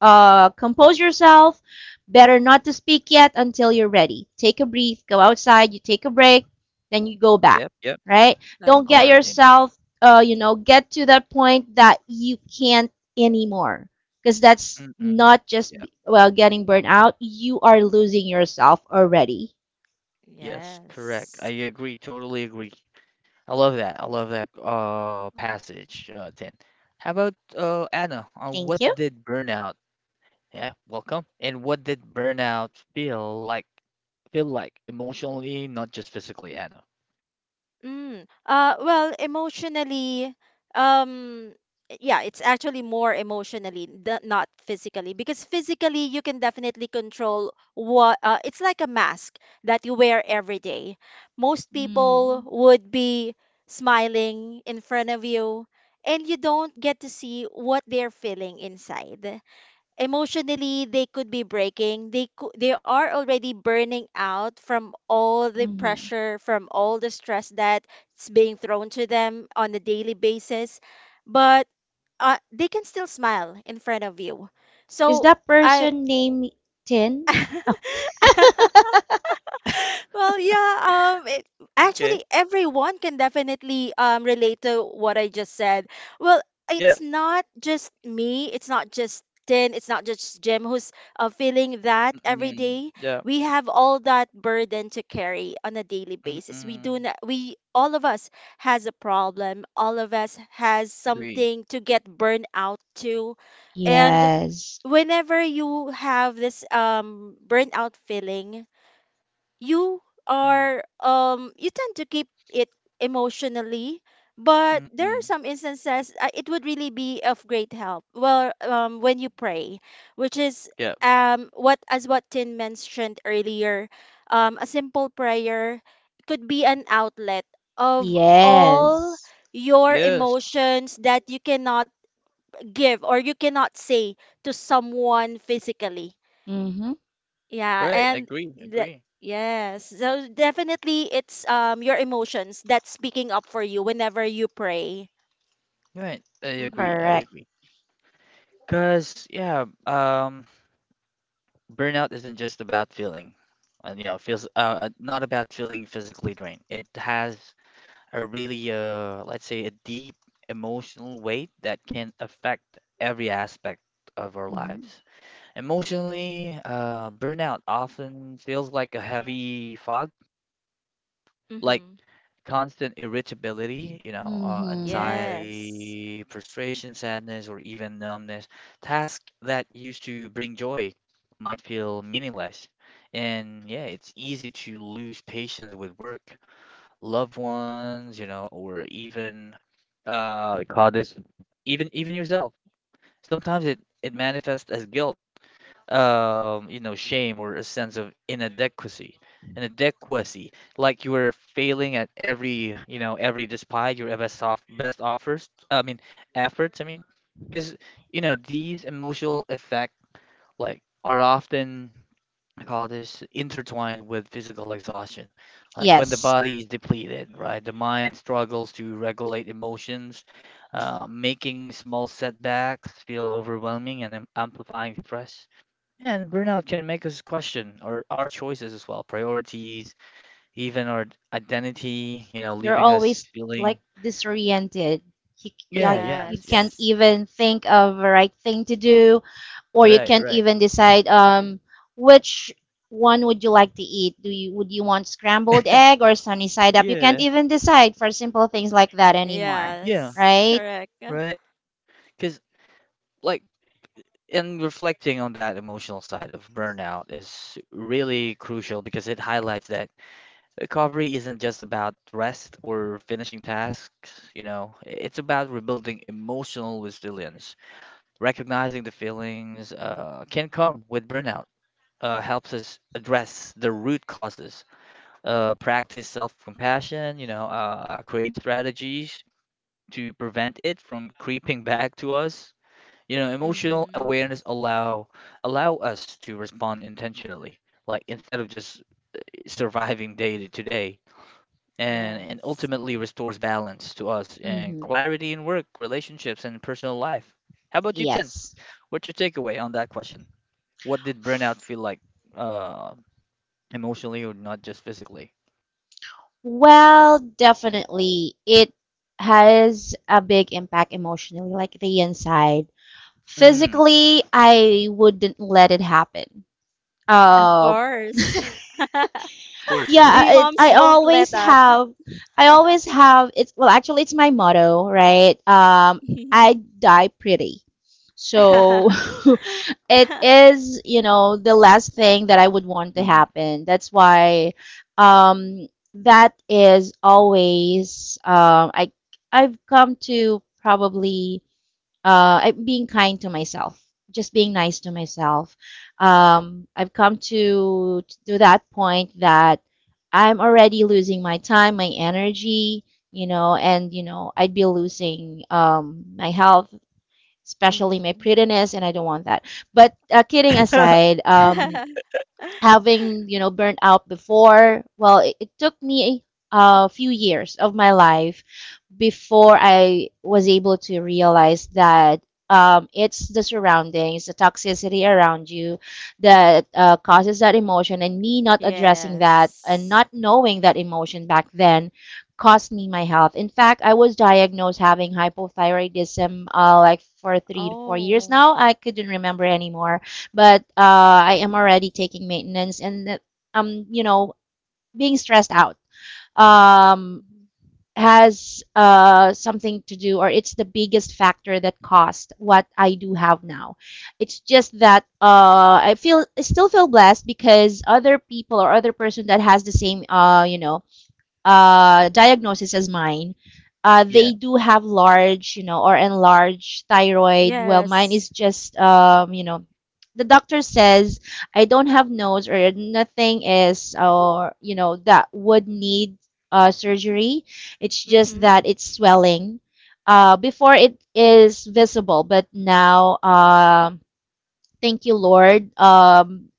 Speaker 3: compose yourself. Better not to speak yet until you're ready. Take a breath, go outside, you take a break, then you go back,
Speaker 1: Yep, yep.
Speaker 3: right?
Speaker 2: Of
Speaker 3: Don't get
Speaker 1: Amen. Amen.
Speaker 2: course.
Speaker 3: yourself, get to that point that you can't anymore. Because that's
Speaker 1: Mm-mm.
Speaker 3: not just,
Speaker 1: Yep.
Speaker 3: well, getting burnt out. You are losing yourself already.
Speaker 1: Yes, correct. I
Speaker 2: Yes.
Speaker 1: agree. Totally agree. I love that. I love that passage, Tin. How about Anna?
Speaker 3: Thank
Speaker 1: What
Speaker 3: you.
Speaker 1: did burnout... Yeah, welcome. And what did burnout feel like? Feel like emotionally, not just physically, Anna.
Speaker 2: Mm. Well, emotionally, um, yeah, it's actually more emotionally, not physically, because physically you can definitely control what, it's like a mask that you wear every day. Most people
Speaker 3: Mm.
Speaker 2: would be smiling in front of you, and you don't get to see what they're feeling inside. Emotionally, they could be breaking, they could, they are already burning out from all the
Speaker 3: Hmm.
Speaker 2: pressure, from all the stress that's being thrown to them on a daily basis. But they can still smile in front of you,
Speaker 3: Is
Speaker 2: so
Speaker 3: that
Speaker 2: I.
Speaker 3: person named Tin?
Speaker 2: Well, yeah,
Speaker 1: Okay.
Speaker 2: actually, everyone can definitely, relate to what I just said. Well,
Speaker 1: Yeah.
Speaker 2: it's not just me, it's not just Tin, it's not just Jim who's feeling that every
Speaker 1: Mm-mm.
Speaker 2: day.
Speaker 1: Yeah.
Speaker 2: We have all that burden to carry on a daily basis. We do
Speaker 1: Mm-mm.
Speaker 2: not, we, all of us has a problem. All of us has
Speaker 1: Agree.
Speaker 2: something to get burned out to.
Speaker 1: Yeah.
Speaker 2: And
Speaker 3: Yes.
Speaker 2: whenever you have this, burnout feeling, you
Speaker 1: Mm.
Speaker 2: you tend to keep it emotionally, but there are
Speaker 1: Mm-mm.
Speaker 2: some instances, it would really be of great help, well, when you pray, which is,
Speaker 1: Yeah.
Speaker 2: what, as what Tin mentioned earlier, a simple prayer could be an outlet of
Speaker 1: Mm.
Speaker 2: all
Speaker 3: Yes.
Speaker 2: your
Speaker 1: Yes.
Speaker 2: emotions that you cannot give or you cannot say to someone physically.
Speaker 3: Mm-hmm.
Speaker 2: Yeah,
Speaker 1: Right.
Speaker 2: and
Speaker 1: Agree.
Speaker 2: that,
Speaker 1: Agree.
Speaker 2: yes. So definitely it's, your emotions that's speaking up for you whenever you pray.
Speaker 1: Right, I
Speaker 2: Mhm.
Speaker 1: agree. I
Speaker 3: Correct.
Speaker 1: agree. Cause yeah, burnout isn't just about feeling, you know, feels not about feeling physically drained. It has a really let's say a deep emotional weight that can affect every aspect of our lives.
Speaker 3: Hmm.
Speaker 1: Emotionally, burnout often feels like a heavy fog, like
Speaker 2: Mhm.
Speaker 1: constant irritability, you know,
Speaker 3: Hmm.
Speaker 2: Yes.
Speaker 1: anxiety, frustration, sadness, or even numbness. Tasks that used to bring joy might feel meaningless. And yeah, it's easy to lose patience with work, loved ones, you know, or even they call this even yourself. Sometimes it manifests as guilt, you know, shame or a sense of inadequacy, inadequacy, like you were failing at every, you know, every, despite your best offers. I mean efforts. I mean, because you know these emotional effects like are often, I call this, intertwined with physical exhaustion. Like when the
Speaker 3: Yes,
Speaker 1: body is depleted, right? The mind struggles to regulate emotions, making small setbacks feel overwhelming and amplifying stress. And burnout can make us question our choices as well, priorities, even our identity, you know,
Speaker 3: you're
Speaker 1: leaving us
Speaker 3: always like
Speaker 1: feeling,
Speaker 3: disoriented. You,
Speaker 1: yeah,
Speaker 3: like, you
Speaker 1: yes,
Speaker 3: can't
Speaker 1: yes,
Speaker 2: Yes.
Speaker 3: even think of the right thing to do, or you
Speaker 1: right,
Speaker 3: can't
Speaker 1: right.
Speaker 3: even decide which one would you like to eat? Do you would you want scrambled egg or sunny side up? You
Speaker 1: Yeah,
Speaker 3: can't even decide for simple things like that anymore,
Speaker 1: yeah,
Speaker 2: Yes.
Speaker 3: right?
Speaker 2: Correct.
Speaker 1: right. Because, like, and reflecting on that emotional side of burnout is really crucial because it highlights that recovery isn't just about rest or finishing tasks, you know, it's about rebuilding emotional resilience. Recognizing the feelings can come with burnout helps us address the root causes, practice self-compassion, you know, create strategies to prevent it from creeping back to us. You know, emotional
Speaker 2: Mhm.
Speaker 1: awareness allow allow us to respond intentionally, like instead of just surviving day to day, and
Speaker 2: Yes.
Speaker 1: ultimately restores balance to us and
Speaker 3: Mm-hmm.
Speaker 1: clarity in work, relationships, and personal life. How about you, Tin?
Speaker 3: Yes.
Speaker 1: What's your takeaway on that question? What did burnout feel like, uh, emotionally or not just physically?
Speaker 3: Well, definitely it has a big impact emotionally, like the inside.
Speaker 1: Mm,
Speaker 3: Physically, I wouldn't let it happen.
Speaker 2: Of
Speaker 3: uh,
Speaker 2: course.
Speaker 1: of course, of
Speaker 2: We
Speaker 1: course.
Speaker 3: yeah, it,
Speaker 2: moms
Speaker 3: i
Speaker 2: won't let
Speaker 3: always
Speaker 2: that.
Speaker 3: have I always have, it's, well, actually, it's my motto, right?
Speaker 2: Mhm.
Speaker 3: I die pretty. So it is, the last thing that I would want to
Speaker 1: mm
Speaker 3: happen. That's why um, that is always, I've come to probably, I'm being kind to myself, just being nice to myself. I've come to that point that I'm already losing my time, my energy, you know, and I'd be losing my health, especially my
Speaker 2: Mhm.
Speaker 3: prettiness, and I don't want that. But kidding aside, having, you know, burnt out before, well, it took me a, a few years of my life before I was able to realize that it's the surroundings, the toxicity around you that causes that emotion, and me not addressing that and
Speaker 2: Yes.
Speaker 3: not knowing that emotion back then cost me my health. In fact, I was diagnosed having hypothyroidism like for 3 to 4 years
Speaker 2: Oh.
Speaker 3: now. I couldn't remember anymore, but I am already taking maintenance and you know, being stressed out. Um,
Speaker 2: Mhm.
Speaker 3: has something to do, or it's the biggest factor that caused what I do have now. It's just that I feel, I still feel blessed because other people, or other person that has the same you know diagnosis as mine,
Speaker 1: Yeah.
Speaker 3: they do have large, you know, or enlarged thyroid. Well, mine is
Speaker 2: Yes.
Speaker 3: just, you know, the doctor says I don't have nodes or nothing is, or, you know, that would need surgery. It's just
Speaker 2: Mm-hmm.
Speaker 3: that it's swelling. Before it is visible, but now, thank you, Lord.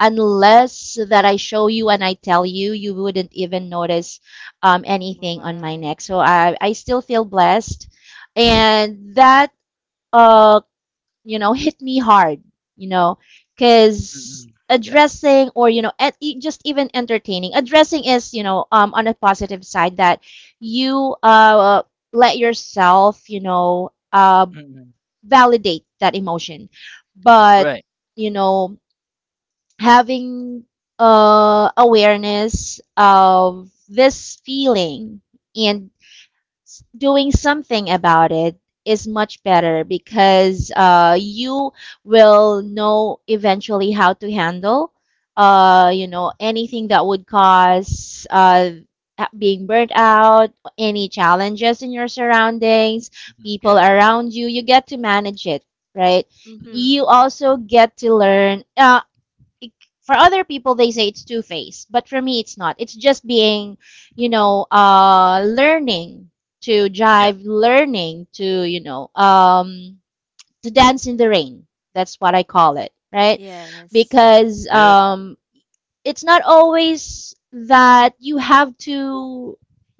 Speaker 3: Unless that I show you and I tell you, you wouldn't even notice
Speaker 2: Oh,
Speaker 3: anything on my
Speaker 2: wow.
Speaker 3: neck. So I still feel blessed, and that uh, you know hit me hard, you know, because
Speaker 1: Mm-mm. Yeah.
Speaker 3: addressing, or you know at, e- just even entertaining addressing is, you know, on a positive side, that you let yourself, you know,
Speaker 1: Mm-mm.
Speaker 3: validate that emotion, but
Speaker 1: Right.
Speaker 3: you know having awareness of this feeling and doing something about it is much better because you will know eventually how to handle you know anything that would cause being burnt out, any challenges in your surroundings,
Speaker 1: Mhm.
Speaker 3: people
Speaker 1: Yeah.
Speaker 3: around you, you get to manage it, right?
Speaker 1: Mm-mm.
Speaker 3: You
Speaker 2: Mm-hmm.
Speaker 3: also get to learn it- for other people they say it's two faced, but for me it's not. It's just being, you know, learning to
Speaker 1: Yeah.
Speaker 3: jive, learning to, you know, to dance in the rain. That's what I call it, right?
Speaker 2: Yes.
Speaker 3: Because
Speaker 1: Yep.
Speaker 3: it's not always that you have to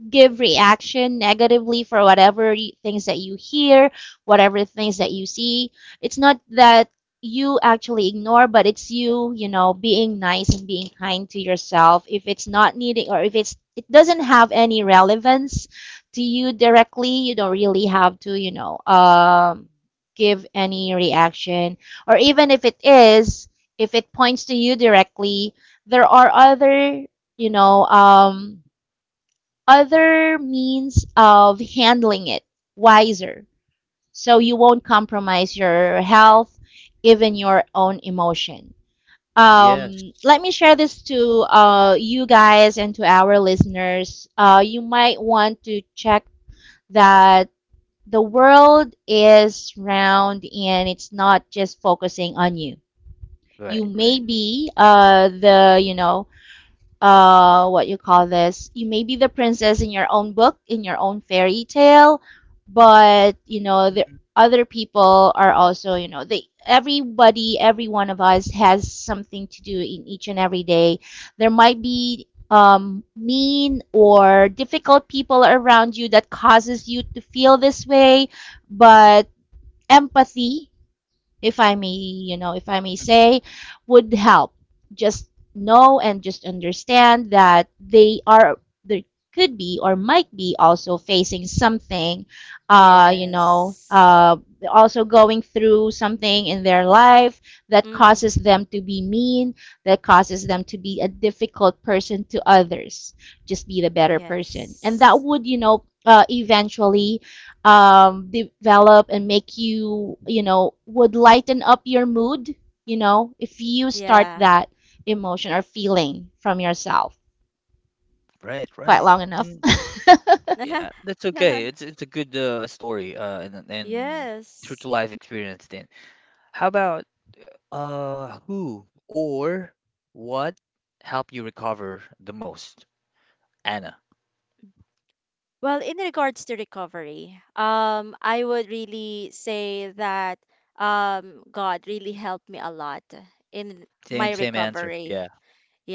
Speaker 3: give reaction negatively for whatever things that you hear, whatever things that you see. It's not that you actually ignore, but it's you, you know, being nice and being kind to yourself. If it's not needing, or if it's, it doesn't have any relevance to you directly, you don't really have to, you know, give any reaction, or even if it is, if it points to you directly, there are other, you know, other means of handling it wiser. So you won't compromise your health, even your own emotion.
Speaker 1: Yes.
Speaker 3: Let me share this to you guys and to our listeners. You might want to check that the world is round and it's not just focusing on you. You
Speaker 1: Right,
Speaker 3: may
Speaker 1: right.
Speaker 2: Mm-hmm.
Speaker 3: be the, you know, what you call this, you may be the princess in your own book, in your own fairy tale, but you know the
Speaker 1: Mm-mm,
Speaker 3: other people are also, you know, they, everybody, every one of us has something to do in each and every day. There might be mean or difficult people around you that causes you to feel this way, but empathy, if I may, you know, if I may
Speaker 1: mm-mm.
Speaker 3: say, would help. Just know and just understand that they are there, could be or might be also facing something, you know,
Speaker 2: Yes.
Speaker 3: also going through something in their life that causes
Speaker 2: Mm-hmm.
Speaker 3: them to be mean, that causes them to be a difficult person to others. Just be the better person,
Speaker 2: Yes.
Speaker 3: and that would, you know, eventually develop and make you, you know, would lighten up your mood, you know, if you start
Speaker 2: Yeah.
Speaker 3: that emotion or feeling from yourself
Speaker 1: Right,
Speaker 3: quite
Speaker 1: right.
Speaker 3: long enough.
Speaker 1: And yeah, that's okay. It's a good story and true to
Speaker 2: Yes.
Speaker 1: life experience then. How about who or what helped you recover the most? Anna.
Speaker 2: Well, in regards to recovery, I would really say that, God really helped me a lot in
Speaker 1: Same
Speaker 2: my
Speaker 1: same answer. Yeah.
Speaker 2: recovery.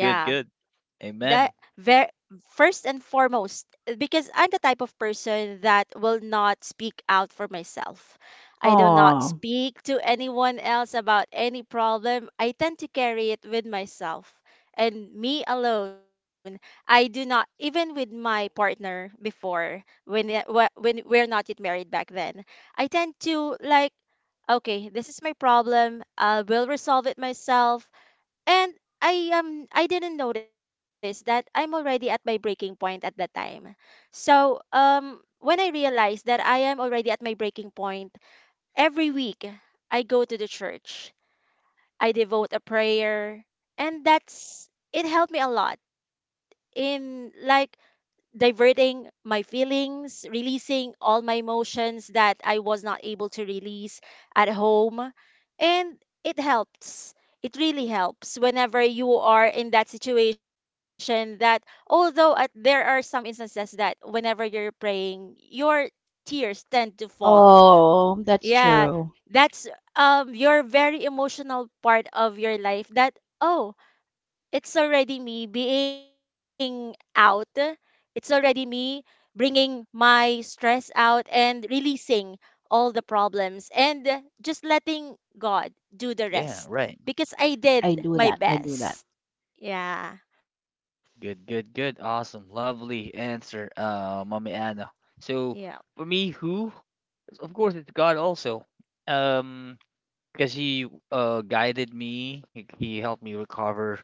Speaker 1: Good, good.
Speaker 2: that very
Speaker 1: Amen.
Speaker 2: first and foremost, because I'm the type of person that will not speak out for myself. I do not
Speaker 3: oh,
Speaker 2: speak to anyone else about any problem. I tend to carry it with myself and me alone. I do not even with my partner before when we're not yet married back then. I tend to okay, this is my problem. I will resolve it myself and I didn't notice that I'm already at my breaking point at that time. So when I realized that I am already at my breaking point, every week I go to the church. I devote a prayer and that's it helped me a lot in like diverting my feelings, releasing all my emotions that I was not able to release at home. And it helps. It really helps whenever you are in that situation that there are some instances that whenever you're praying, your tears tend to fall.
Speaker 3: oh, that's
Speaker 2: Yeah,
Speaker 3: true.
Speaker 2: that's your very emotional part of your life that oh it's already me being out. It's already me bringing my stress out and releasing all the problems and just letting God do the
Speaker 1: Yeah,
Speaker 2: rest
Speaker 1: right.
Speaker 2: because I
Speaker 3: I
Speaker 2: did
Speaker 3: do
Speaker 2: my
Speaker 3: that. I do that.
Speaker 2: best. Yeah.
Speaker 1: Good, good, good. Awesome. Lovely answer, Mommy Anna. So
Speaker 2: Yeah.
Speaker 1: for me, who? Of course, it's God also. Um, because he guided me, he helped me recover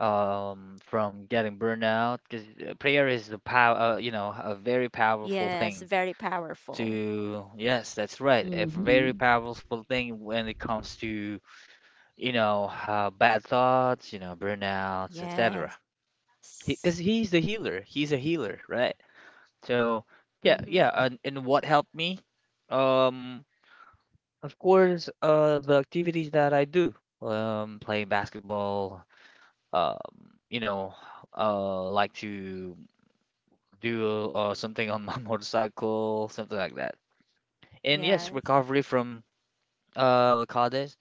Speaker 1: from getting burnout, because prayer is the power, you know, a very powerful
Speaker 2: Yes.
Speaker 1: thing
Speaker 2: Very powerful.
Speaker 1: to yes that's right a very
Speaker 3: Hmm.
Speaker 1: powerful thing when it comes to, you know, bad thoughts, you know, burnouts, etc.
Speaker 2: Yes.
Speaker 1: Because he's the healer, he's a healer, right? So yeah, yeah,
Speaker 2: Mm-hmm.
Speaker 1: and what helped me, um of course, the activities that I do, playing basketball, um, you know, like to do something on my motorcycle, something like that. And yes,
Speaker 2: Yes.
Speaker 1: recovery from, what call this,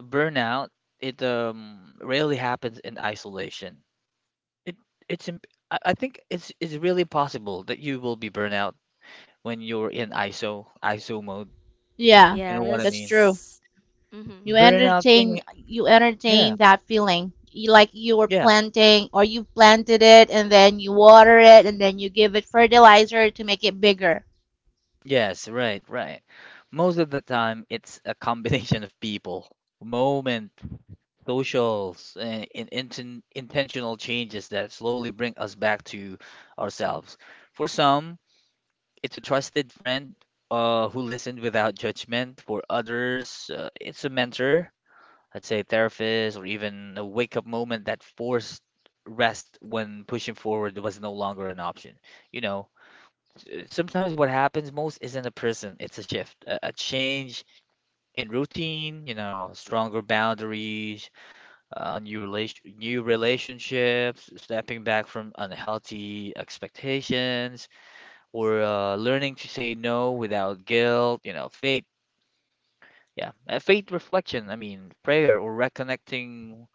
Speaker 1: burnout, it rarely happens in isolation. It it's imp I think it's really possible that you will be burnout when you're in ISO mode.
Speaker 3: Yeah,
Speaker 1: You know what I
Speaker 3: that's
Speaker 1: mean?
Speaker 3: true.
Speaker 2: Yes. Mm-hmm.
Speaker 1: Burnout thing,
Speaker 3: You
Speaker 1: yeah.
Speaker 3: entertain that feeling. You, like you were
Speaker 1: Yeah,
Speaker 3: planting, or you've planted it, and then you water it, and then you give it fertilizer to make it bigger.
Speaker 1: yes, right, right. Most of the time, it's a combination of people, moment, socials, and intentional changes that slowly bring us back to ourselves. For some, it's a trusted friend, who listened without judgment. For others, it's a mentor, let's say therapist, or even a wake-up moment that forced rest when pushing forward was no longer an option. You know, sometimes what happens most isn't a prison, it's a shift, a change in routine, you know, stronger boundaries, new relationships, stepping back from unhealthy expectations, or learning to say no without guilt, you know, faith. Yeah, faith reflection, I mean, prayer, or reconnecting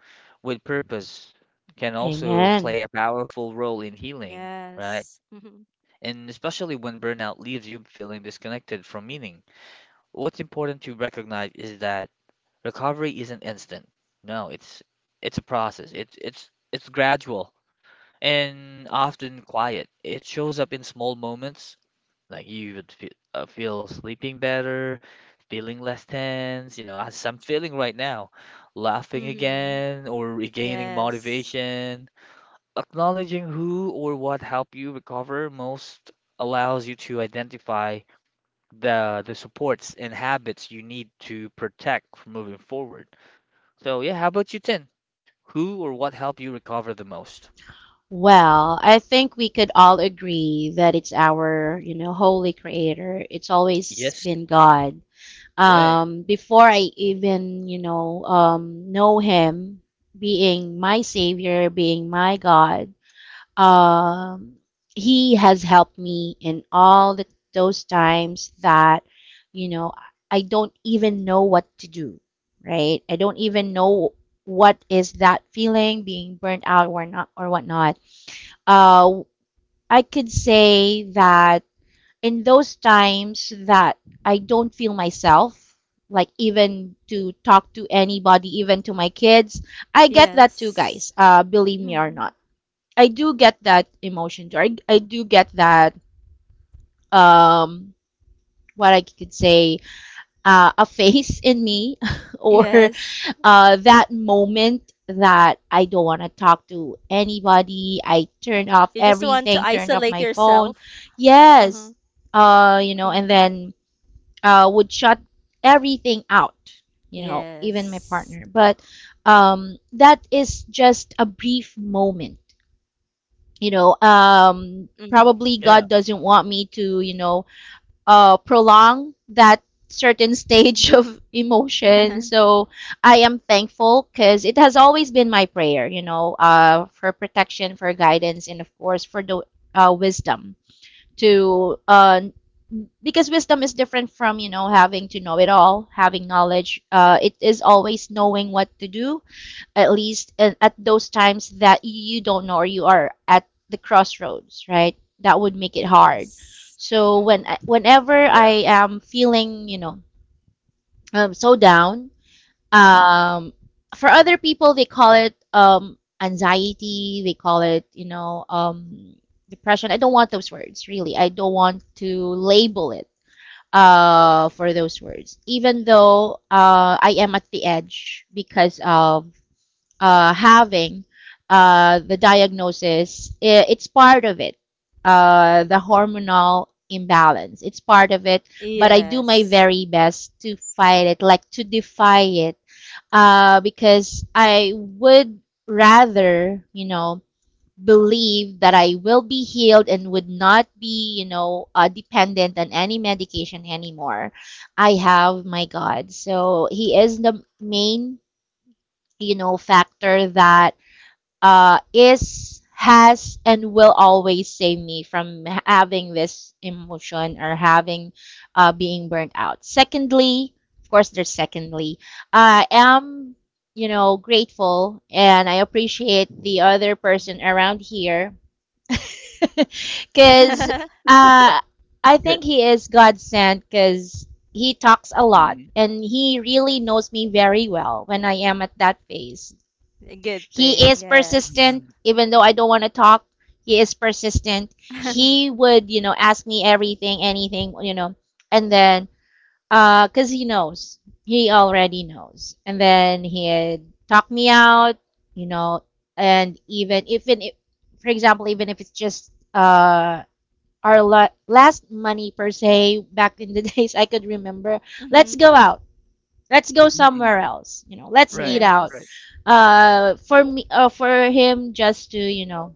Speaker 1: with purpose can also
Speaker 3: Amen.
Speaker 1: play a powerful role in healing,
Speaker 2: Yes.
Speaker 1: right?
Speaker 2: Mm-hmm.
Speaker 1: And especially when burnout leaves you feeling disconnected from meaning. What's important to recognize is that recovery isn't instant. No, it's a process. It's gradual and often quiet. It shows up in small moments, like you would feel sleeping better, feeling less tense, you know, as I'm feeling right now, laughing
Speaker 2: Mm-hmm.
Speaker 1: again, or regaining
Speaker 2: Yes.
Speaker 1: motivation. Acknowledging who or what helped you recover most allows you to identify the supports and habits you need to protect from moving forward. So yeah, how about you, Tin? Who or what helped you recover the most?
Speaker 3: Well, I think we could all agree that it's our, you know, holy creator. It's always
Speaker 1: Yes,
Speaker 3: been God.
Speaker 1: right.
Speaker 3: Before I even, you know him, being my savior, being my God, um, he has helped me in all the, those times that, you know, I don't even know what to do, right? I don't even know what is that feeling, being burnt out or not or whatnot, uh, I could say that in those times that I don't feel myself, like even to talk to anybody, even to my kids, I get that too,
Speaker 2: Yes.
Speaker 3: guys. Believe me or
Speaker 2: Mm-hmm.
Speaker 3: not, I do get that emotion too. I do get that um, what I could say a face in me or
Speaker 2: Yes.
Speaker 3: that moment that I don't want to talk to anybody. I
Speaker 2: You just
Speaker 3: turned
Speaker 2: want
Speaker 3: off
Speaker 2: to isolate
Speaker 3: everything, turned off my
Speaker 2: yourself.
Speaker 3: phone.
Speaker 2: Uh-huh.
Speaker 3: Yes, you know, and
Speaker 2: Mm.
Speaker 3: then would shut everything out, you know, even my
Speaker 2: Yes.
Speaker 3: partner. But that is just a brief moment, you know.
Speaker 2: Mm-hmm.
Speaker 3: Probably
Speaker 1: Yeah,
Speaker 3: God doesn't want me to, you know, prolong that certain stage of emotion. So I am thankful because it has always been my prayer, you know, for protection, for guidance, and of course for the wisdom to because wisdom is different from, you know, having to know it all, having knowledge. It is always knowing what to do, at least at those times that you don't know or you are at the crossroads, right? That would make it hard.
Speaker 2: Yes.
Speaker 3: So
Speaker 2: Mm-hmm.
Speaker 3: when, whenever
Speaker 1: yeah.
Speaker 3: I am feeling, you know, so down, um, for other people they call it anxiety. They call it, you know, depression. I don't want those words really. I don't want to label it for those words, even though I am at the edge because of having the diagnosis, it's part of it, the hormonal imbalance. It's part of it, but I do my
Speaker 2: Yes.
Speaker 3: very best to fight it, like to defy it, because I would rather, you know, believe that I will be healed and would not be, you know, dependent on any medication anymore. I have my God. So He is the main, you know, factor that is, has, and will always save me from having this emotion or having being burnt out. Secondly, of course, there's secondly, I am, you know, grateful, and I appreciate the other person around here
Speaker 2: Mhm.
Speaker 3: because uh, I
Speaker 1: Good.
Speaker 3: think he is God sent because he talks a lot
Speaker 1: Mm-mm,
Speaker 3: and he really knows me very well when I am at that phase.
Speaker 2: A good
Speaker 3: He
Speaker 2: thing.
Speaker 3: is
Speaker 2: Yes.
Speaker 3: persistent,
Speaker 1: mm-mm,
Speaker 3: even though I don't want to talk. He is persistent. He would, you know, ask me everything, anything, you know, and then, cause he knows, he already knows, and then he'd talk me out, you know, and even even if, for example, even if it's just our last money per se back in the days, I could remember. Let's
Speaker 2: Mm-hmm.
Speaker 3: go out. Let's go somewhere
Speaker 1: mm-mm.
Speaker 3: else. You know, let's eat
Speaker 1: Right,
Speaker 3: out.
Speaker 1: right.
Speaker 2: Yes.
Speaker 3: For me, for him, just to, you know,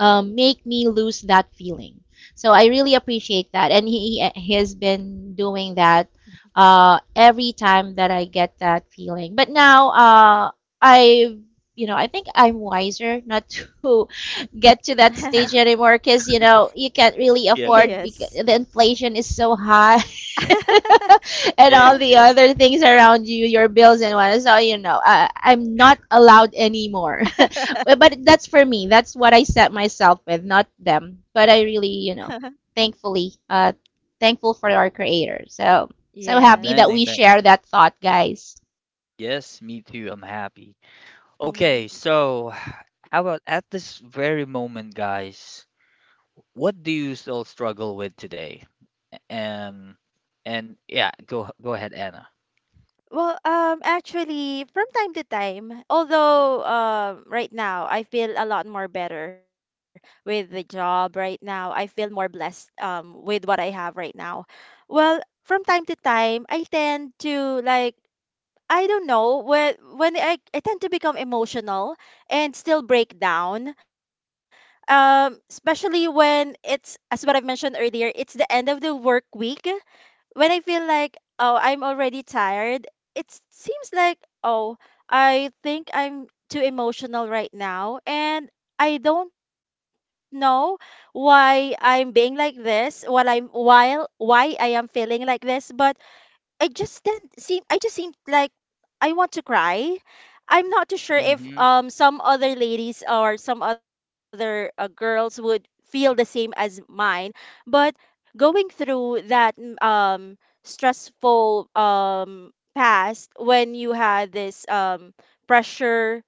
Speaker 3: make me lose that feeling. So I really appreciate that, and he has been doing that every time that I get that feeling. But now I, you know, I think I'm wiser not to get to that stage anymore because you know you can't really
Speaker 1: Yeah.
Speaker 3: afford
Speaker 2: Yes.
Speaker 3: because the inflation is so high. And
Speaker 1: Okay,
Speaker 3: all the
Speaker 1: okay.
Speaker 3: other things around you, your bills and what. So you know, I'm not allowed anymore, well, but that's for me. That's what I set myself with, not them. But I really, you know, thankfully, thankful for our creator. So, so happy
Speaker 1: Amen,
Speaker 3: that we
Speaker 2: Yes.
Speaker 1: amen.
Speaker 3: share that thought, guys.
Speaker 1: Yes, me too. I'm happy.
Speaker 2: Mm-hmm.
Speaker 1: Okay, so how about at this very moment, guys? What do you still struggle with today? Um, and yeah, go ahead, Anna.
Speaker 2: Well, actually, from time to time, although right now I feel a lot more better with the job right now. I feel more blessed with what I have right now. Well, from time to time, I tend to I don't know, when I tend to become emotional and still break down, especially when it's, as what I've mentioned earlier, it's the end of the work week when I feel like, oh, I'm already tired, seems like, oh, I think I'm too emotional right now. And I don't know why I'm being like this, while I'm while why I am feeling like this, but I just didn't seem I just seemed like I want to cry. I'm not too sure if
Speaker 1: Mm-hmm.
Speaker 2: some other ladies or some other girls would feel the same as mine, but going through that stressful past when you had this pressure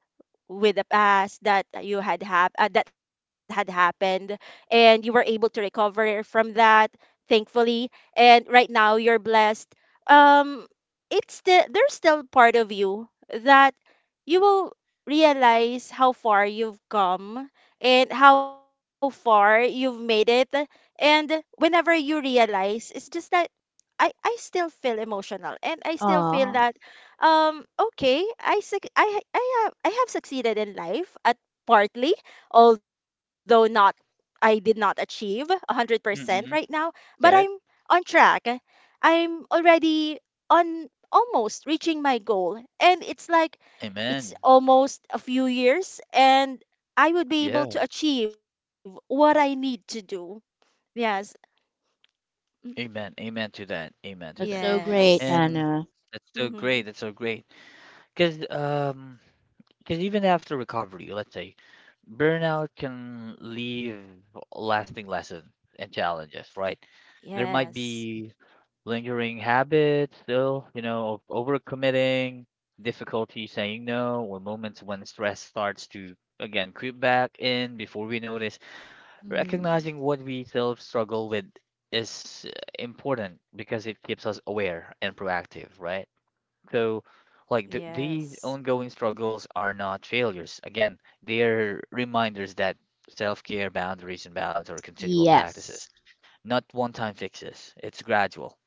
Speaker 2: with the past that you that had happened and you were able to recover from that, thankfully, and right now you're blessed. um it's still, there's still part of you that you will realize how far you've come and how far you've made it. And whenever you realize it's just that, I still feel emotional and I still feel
Speaker 3: Oh,
Speaker 2: that, okay, I suc- I ha- I have succeeded in life, at partly, although not I did not achieve 100% right now, but I'm
Speaker 1: Okay.
Speaker 2: on track. I'm already on almost reaching my goal, and it's like it's
Speaker 1: Amen.
Speaker 2: almost a few years and I would be able to
Speaker 1: Yeah.
Speaker 2: achieve what I need to do. Yes. Mm,
Speaker 1: Amen. Amen to that. Amen to
Speaker 3: that's
Speaker 1: that.
Speaker 3: so great,
Speaker 2: yes.
Speaker 1: And
Speaker 3: Anna.
Speaker 1: that's so
Speaker 2: Mhm.
Speaker 1: great. That's so great. Because um, because even after recovery, let's say, burnout can leave lasting lessons and challenges, right? There might
Speaker 2: Yes.
Speaker 1: be lingering habits still, you know, of overcommitting, difficulty saying no, or moments when stress starts to again creep back in before we notice.
Speaker 3: Mm.
Speaker 1: Recognizing what we self struggle with is, important, because it keeps us aware and proactive, right? So, like these
Speaker 2: Yes.
Speaker 1: ongoing struggles are not failures. Again, they're reminders that self care, boundaries, and balance are continual practices,
Speaker 3: Yes.
Speaker 1: not one time fixes. It's gradual,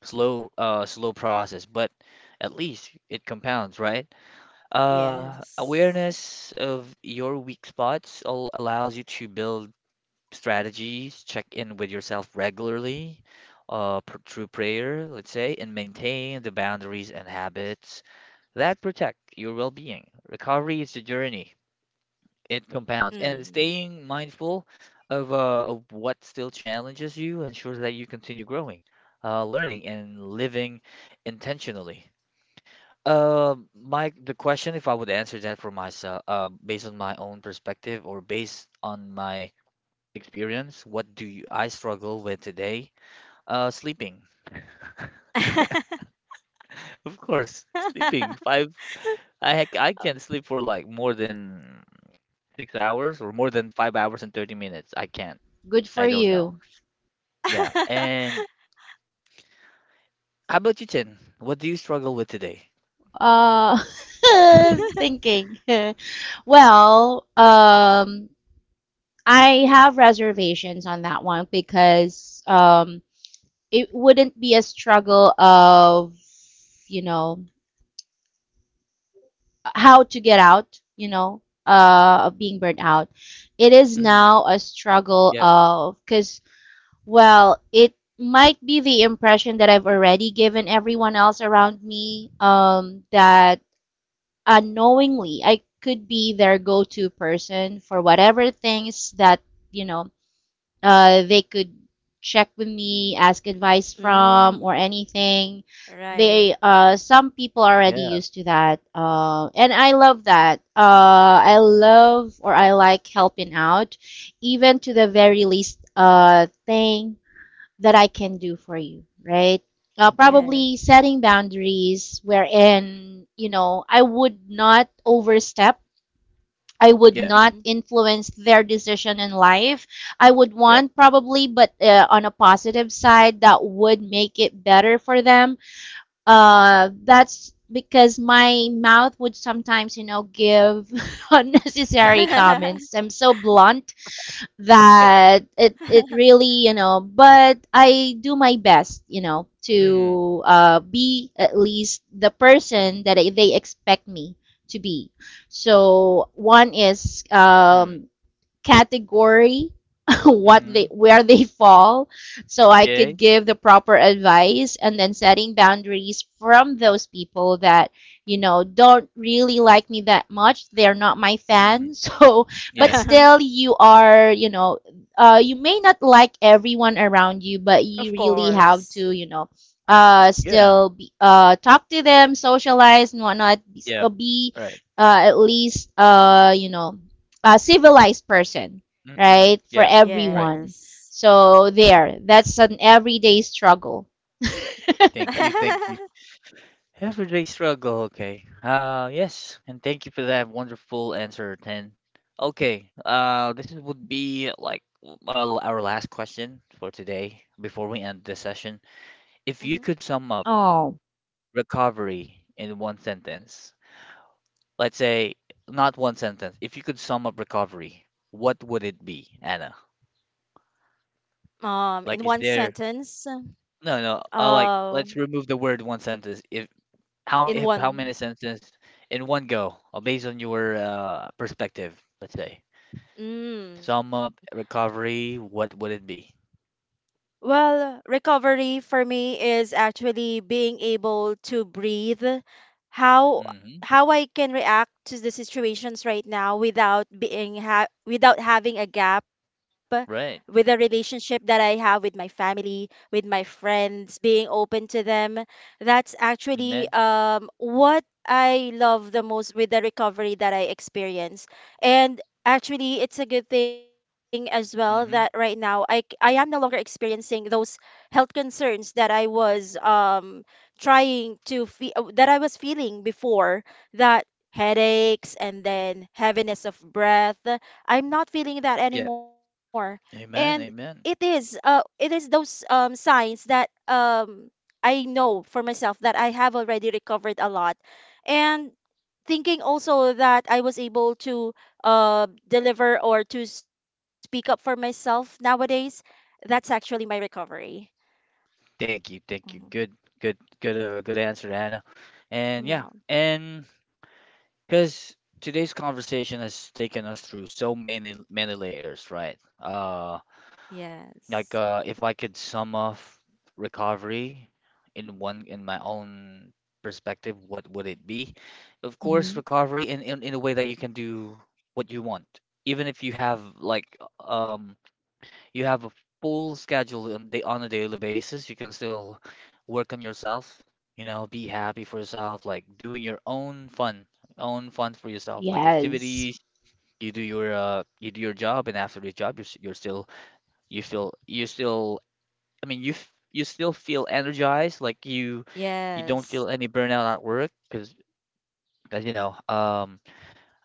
Speaker 1: slow, slow process, but at least it compounds, right?
Speaker 2: Yes.
Speaker 1: Awareness of your weak spots allows you to build strategies, check in with yourself regularly, through prayer, let's say, and maintain the boundaries and habits that protect your well-being. Recovery is a journey. It compounds, and
Speaker 2: Hmm.
Speaker 1: staying mindful of what still challenges you ensures that you continue growing, learning, and living intentionally. My the question, if I would answer that for myself, based on my own perspective or based on my experience. What do you, I struggle with today? Sleeping. Of course, sleeping. Five. I can't sleep for like more than 6 hours, or more than 5 hours and 30 minutes. I can't.
Speaker 3: Good
Speaker 1: I
Speaker 3: for
Speaker 1: don't know.
Speaker 3: you.
Speaker 1: Yeah. And how about you, Chen? What do you struggle with today?
Speaker 3: Uh, thinking. Well, I have reservations on that one because it wouldn't be a struggle of, you know, how to get out, you know, of being burnt out. It is
Speaker 1: Mm,
Speaker 3: now a struggle
Speaker 1: yep.
Speaker 3: of, because, well, it might be the impression that I've already given everyone else around me that unknowingly I could be their go-to person for whatever things that you know they could check with me, ask advice from, or
Speaker 2: Mm.
Speaker 3: anything.
Speaker 2: Right.
Speaker 3: They some people are already
Speaker 1: Yeah.
Speaker 3: used to that, and I love that. I
Speaker 1: Mm-mm.
Speaker 3: love, or I like helping out, even to the very least thing that I can do for you, right?
Speaker 1: Mm-mm.
Speaker 2: Yes.
Speaker 3: Probably setting boundaries wherein you know I would not overstep, I would
Speaker 1: Yeah.
Speaker 3: not
Speaker 2: Hmm.
Speaker 3: influence their decision in life. I would
Speaker 1: Yep.
Speaker 3: want probably, but on a positive side, that would make it better for them.
Speaker 1: Mm-mm.
Speaker 3: That's because my mouth would sometimes, you know, give
Speaker 1: Yeah.
Speaker 3: unnecessary comments. I'm so blunt
Speaker 1: Okay.
Speaker 3: that it really, you know, but I do my best, you know,
Speaker 1: Mm.
Speaker 3: to be at least the person that they expect me to be. So one is
Speaker 1: Mm.
Speaker 3: category what they
Speaker 1: Mm.
Speaker 3: where they fall, so I could
Speaker 1: Okay.
Speaker 3: give the proper advice, and then setting boundaries from those people that you know don't really like me that much, they're not my
Speaker 1: Mm.
Speaker 3: fans. So but
Speaker 1: Yeah.
Speaker 3: still you are, you know, you may not like everyone around you, but
Speaker 2: Of
Speaker 3: you really have
Speaker 2: course.
Speaker 3: to, you know,
Speaker 1: Yeah.
Speaker 3: still be, talk to them, socialize and whatnot,
Speaker 1: Yeah.
Speaker 3: be
Speaker 1: Right.
Speaker 3: at least you know a civilized person,
Speaker 1: Mm-mm.
Speaker 3: right? For
Speaker 1: Yeah.
Speaker 2: Yes.
Speaker 1: Right.
Speaker 3: everyone. So there, that's an everyday struggle.
Speaker 1: Thank you, thank you. Everyday struggle, okay. Yes, and thank you for that wonderful answer, Ten. Okay, this would be like our last question for today before we end the session. If
Speaker 2: Mhm.
Speaker 1: you could sum up
Speaker 3: oh,
Speaker 1: recovery in one sentence, let's say, not one sentence. If you could sum up recovery, what would it be, Anna?
Speaker 2: In one
Speaker 1: Like, is there
Speaker 2: sentence,
Speaker 1: no no, like,
Speaker 2: uh,
Speaker 1: let's remove the word one sentence. If How m-
Speaker 2: in
Speaker 1: if how many
Speaker 2: one,
Speaker 1: sentences in one go, based on your perspective, let's say.
Speaker 2: mm,
Speaker 1: Sum up recovery, what would it be?
Speaker 2: well, recovery for me is actually being able to breathe. How
Speaker 1: Mm-hmm.
Speaker 2: how I can react to the situations right now without being ha without having a gap with the
Speaker 1: Right.
Speaker 2: relationship that I have with my family, with my friends, being open to them. That's actually
Speaker 1: Amen.
Speaker 2: what I love the most with the recovery that I experience. And actually, it's a good thing as well that right now
Speaker 1: Mm-hmm.
Speaker 2: I am no longer experiencing those health concerns that I was trying to feel that I was feeling before, that headaches and then heaviness of breath. I'm not feeling that
Speaker 1: Yeah.
Speaker 2: anymore. And
Speaker 1: Amen. Amen.
Speaker 2: it is those signs that I know for myself that I have already recovered a lot. And thinking also that I was able to deliver or to speak up for myself nowadays, that's actually my recovery.
Speaker 1: Thank you. Thank you.
Speaker 2: Mhm.
Speaker 1: Good. Good. Good. Good answer, Anna. And yeah.
Speaker 2: Yeah.
Speaker 1: And because today's conversation has taken us through so many many layers, right?
Speaker 2: Yes.
Speaker 1: Like if I could sum up recovery in one in my own perspective, what would it be? Of course,
Speaker 3: hmm
Speaker 1: recovery in a way that you can do what you want. Even if you have like you have a full schedule on day on a daily basis, you can still work on yourself, you know, be happy for yourself, like doing your own fun for yourself, like
Speaker 3: yes,
Speaker 1: activities. You do your job, and after the job you're, you're still, you feel you're still, I mean, you you still feel energized, like you don't
Speaker 2: Yes.
Speaker 1: feel any burnout at work, because as you know,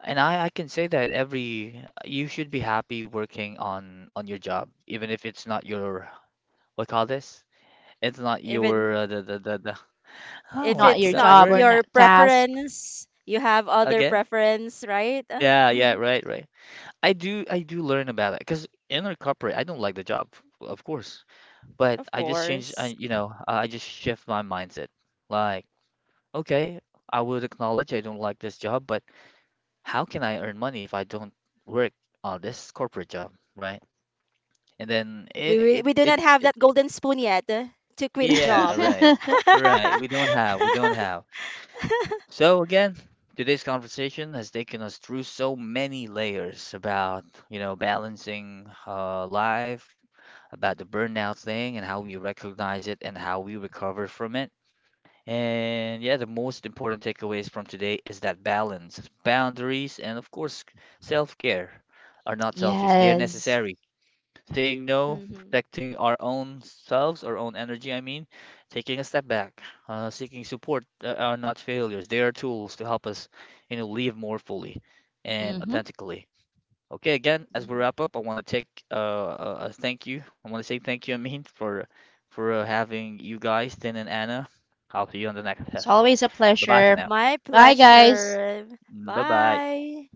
Speaker 1: and I can say that every you should be happy working on your job, even if it's not your, what call this? It's not
Speaker 2: Even
Speaker 1: your the oh,
Speaker 2: if
Speaker 1: I
Speaker 3: not
Speaker 2: it's
Speaker 3: your
Speaker 1: forgot the
Speaker 2: not
Speaker 3: job or
Speaker 1: word
Speaker 2: your
Speaker 3: not task.
Speaker 2: preference, you have other
Speaker 1: again.
Speaker 2: preference, right?
Speaker 1: Yeah, yeah,
Speaker 2: Mhm.
Speaker 1: right, right. I do learn about it, because in our corporate I don't like the job, of course, but
Speaker 2: Of
Speaker 1: I just change I
Speaker 2: course.
Speaker 1: you know, I just shift my mindset. Like, okay, I would acknowledge I don't like this job, but how can I earn money if I don't work on this corporate job, right? And then it it
Speaker 2: We do
Speaker 1: it,
Speaker 2: not have
Speaker 1: it,
Speaker 2: that
Speaker 1: it
Speaker 2: golden spoon yet, to quit
Speaker 1: yeah, right.
Speaker 2: job.
Speaker 1: Right. We don't have. So again, today's conversation has taken us through so many layers about, you know, balancing life, about the burnout thing and how we recognize it and how we recover from it. And yeah, the most important takeaways from today is that balance, boundaries, and of course, self-care are not selfish. They are
Speaker 3: Yes.
Speaker 1: necessary. Saying
Speaker 2: Hmm.
Speaker 1: no, protecting our own selves, our own energy, I mean, taking a step back, seeking support, are not failures. They are tools to help us, you know, live more fully and
Speaker 3: hmm
Speaker 1: authentically. Okay, again, as we wrap up, I want to take a thank you. I want to say thank you, I mean, for having you guys, Tin and Anna. I'll see you on the next
Speaker 3: It's
Speaker 1: session.
Speaker 3: always a
Speaker 1: Bye bye for
Speaker 3: pleasure.
Speaker 1: now.
Speaker 2: My
Speaker 3: Bye, guys.
Speaker 2: pleasure.
Speaker 1: Bye bye.
Speaker 2: Bye.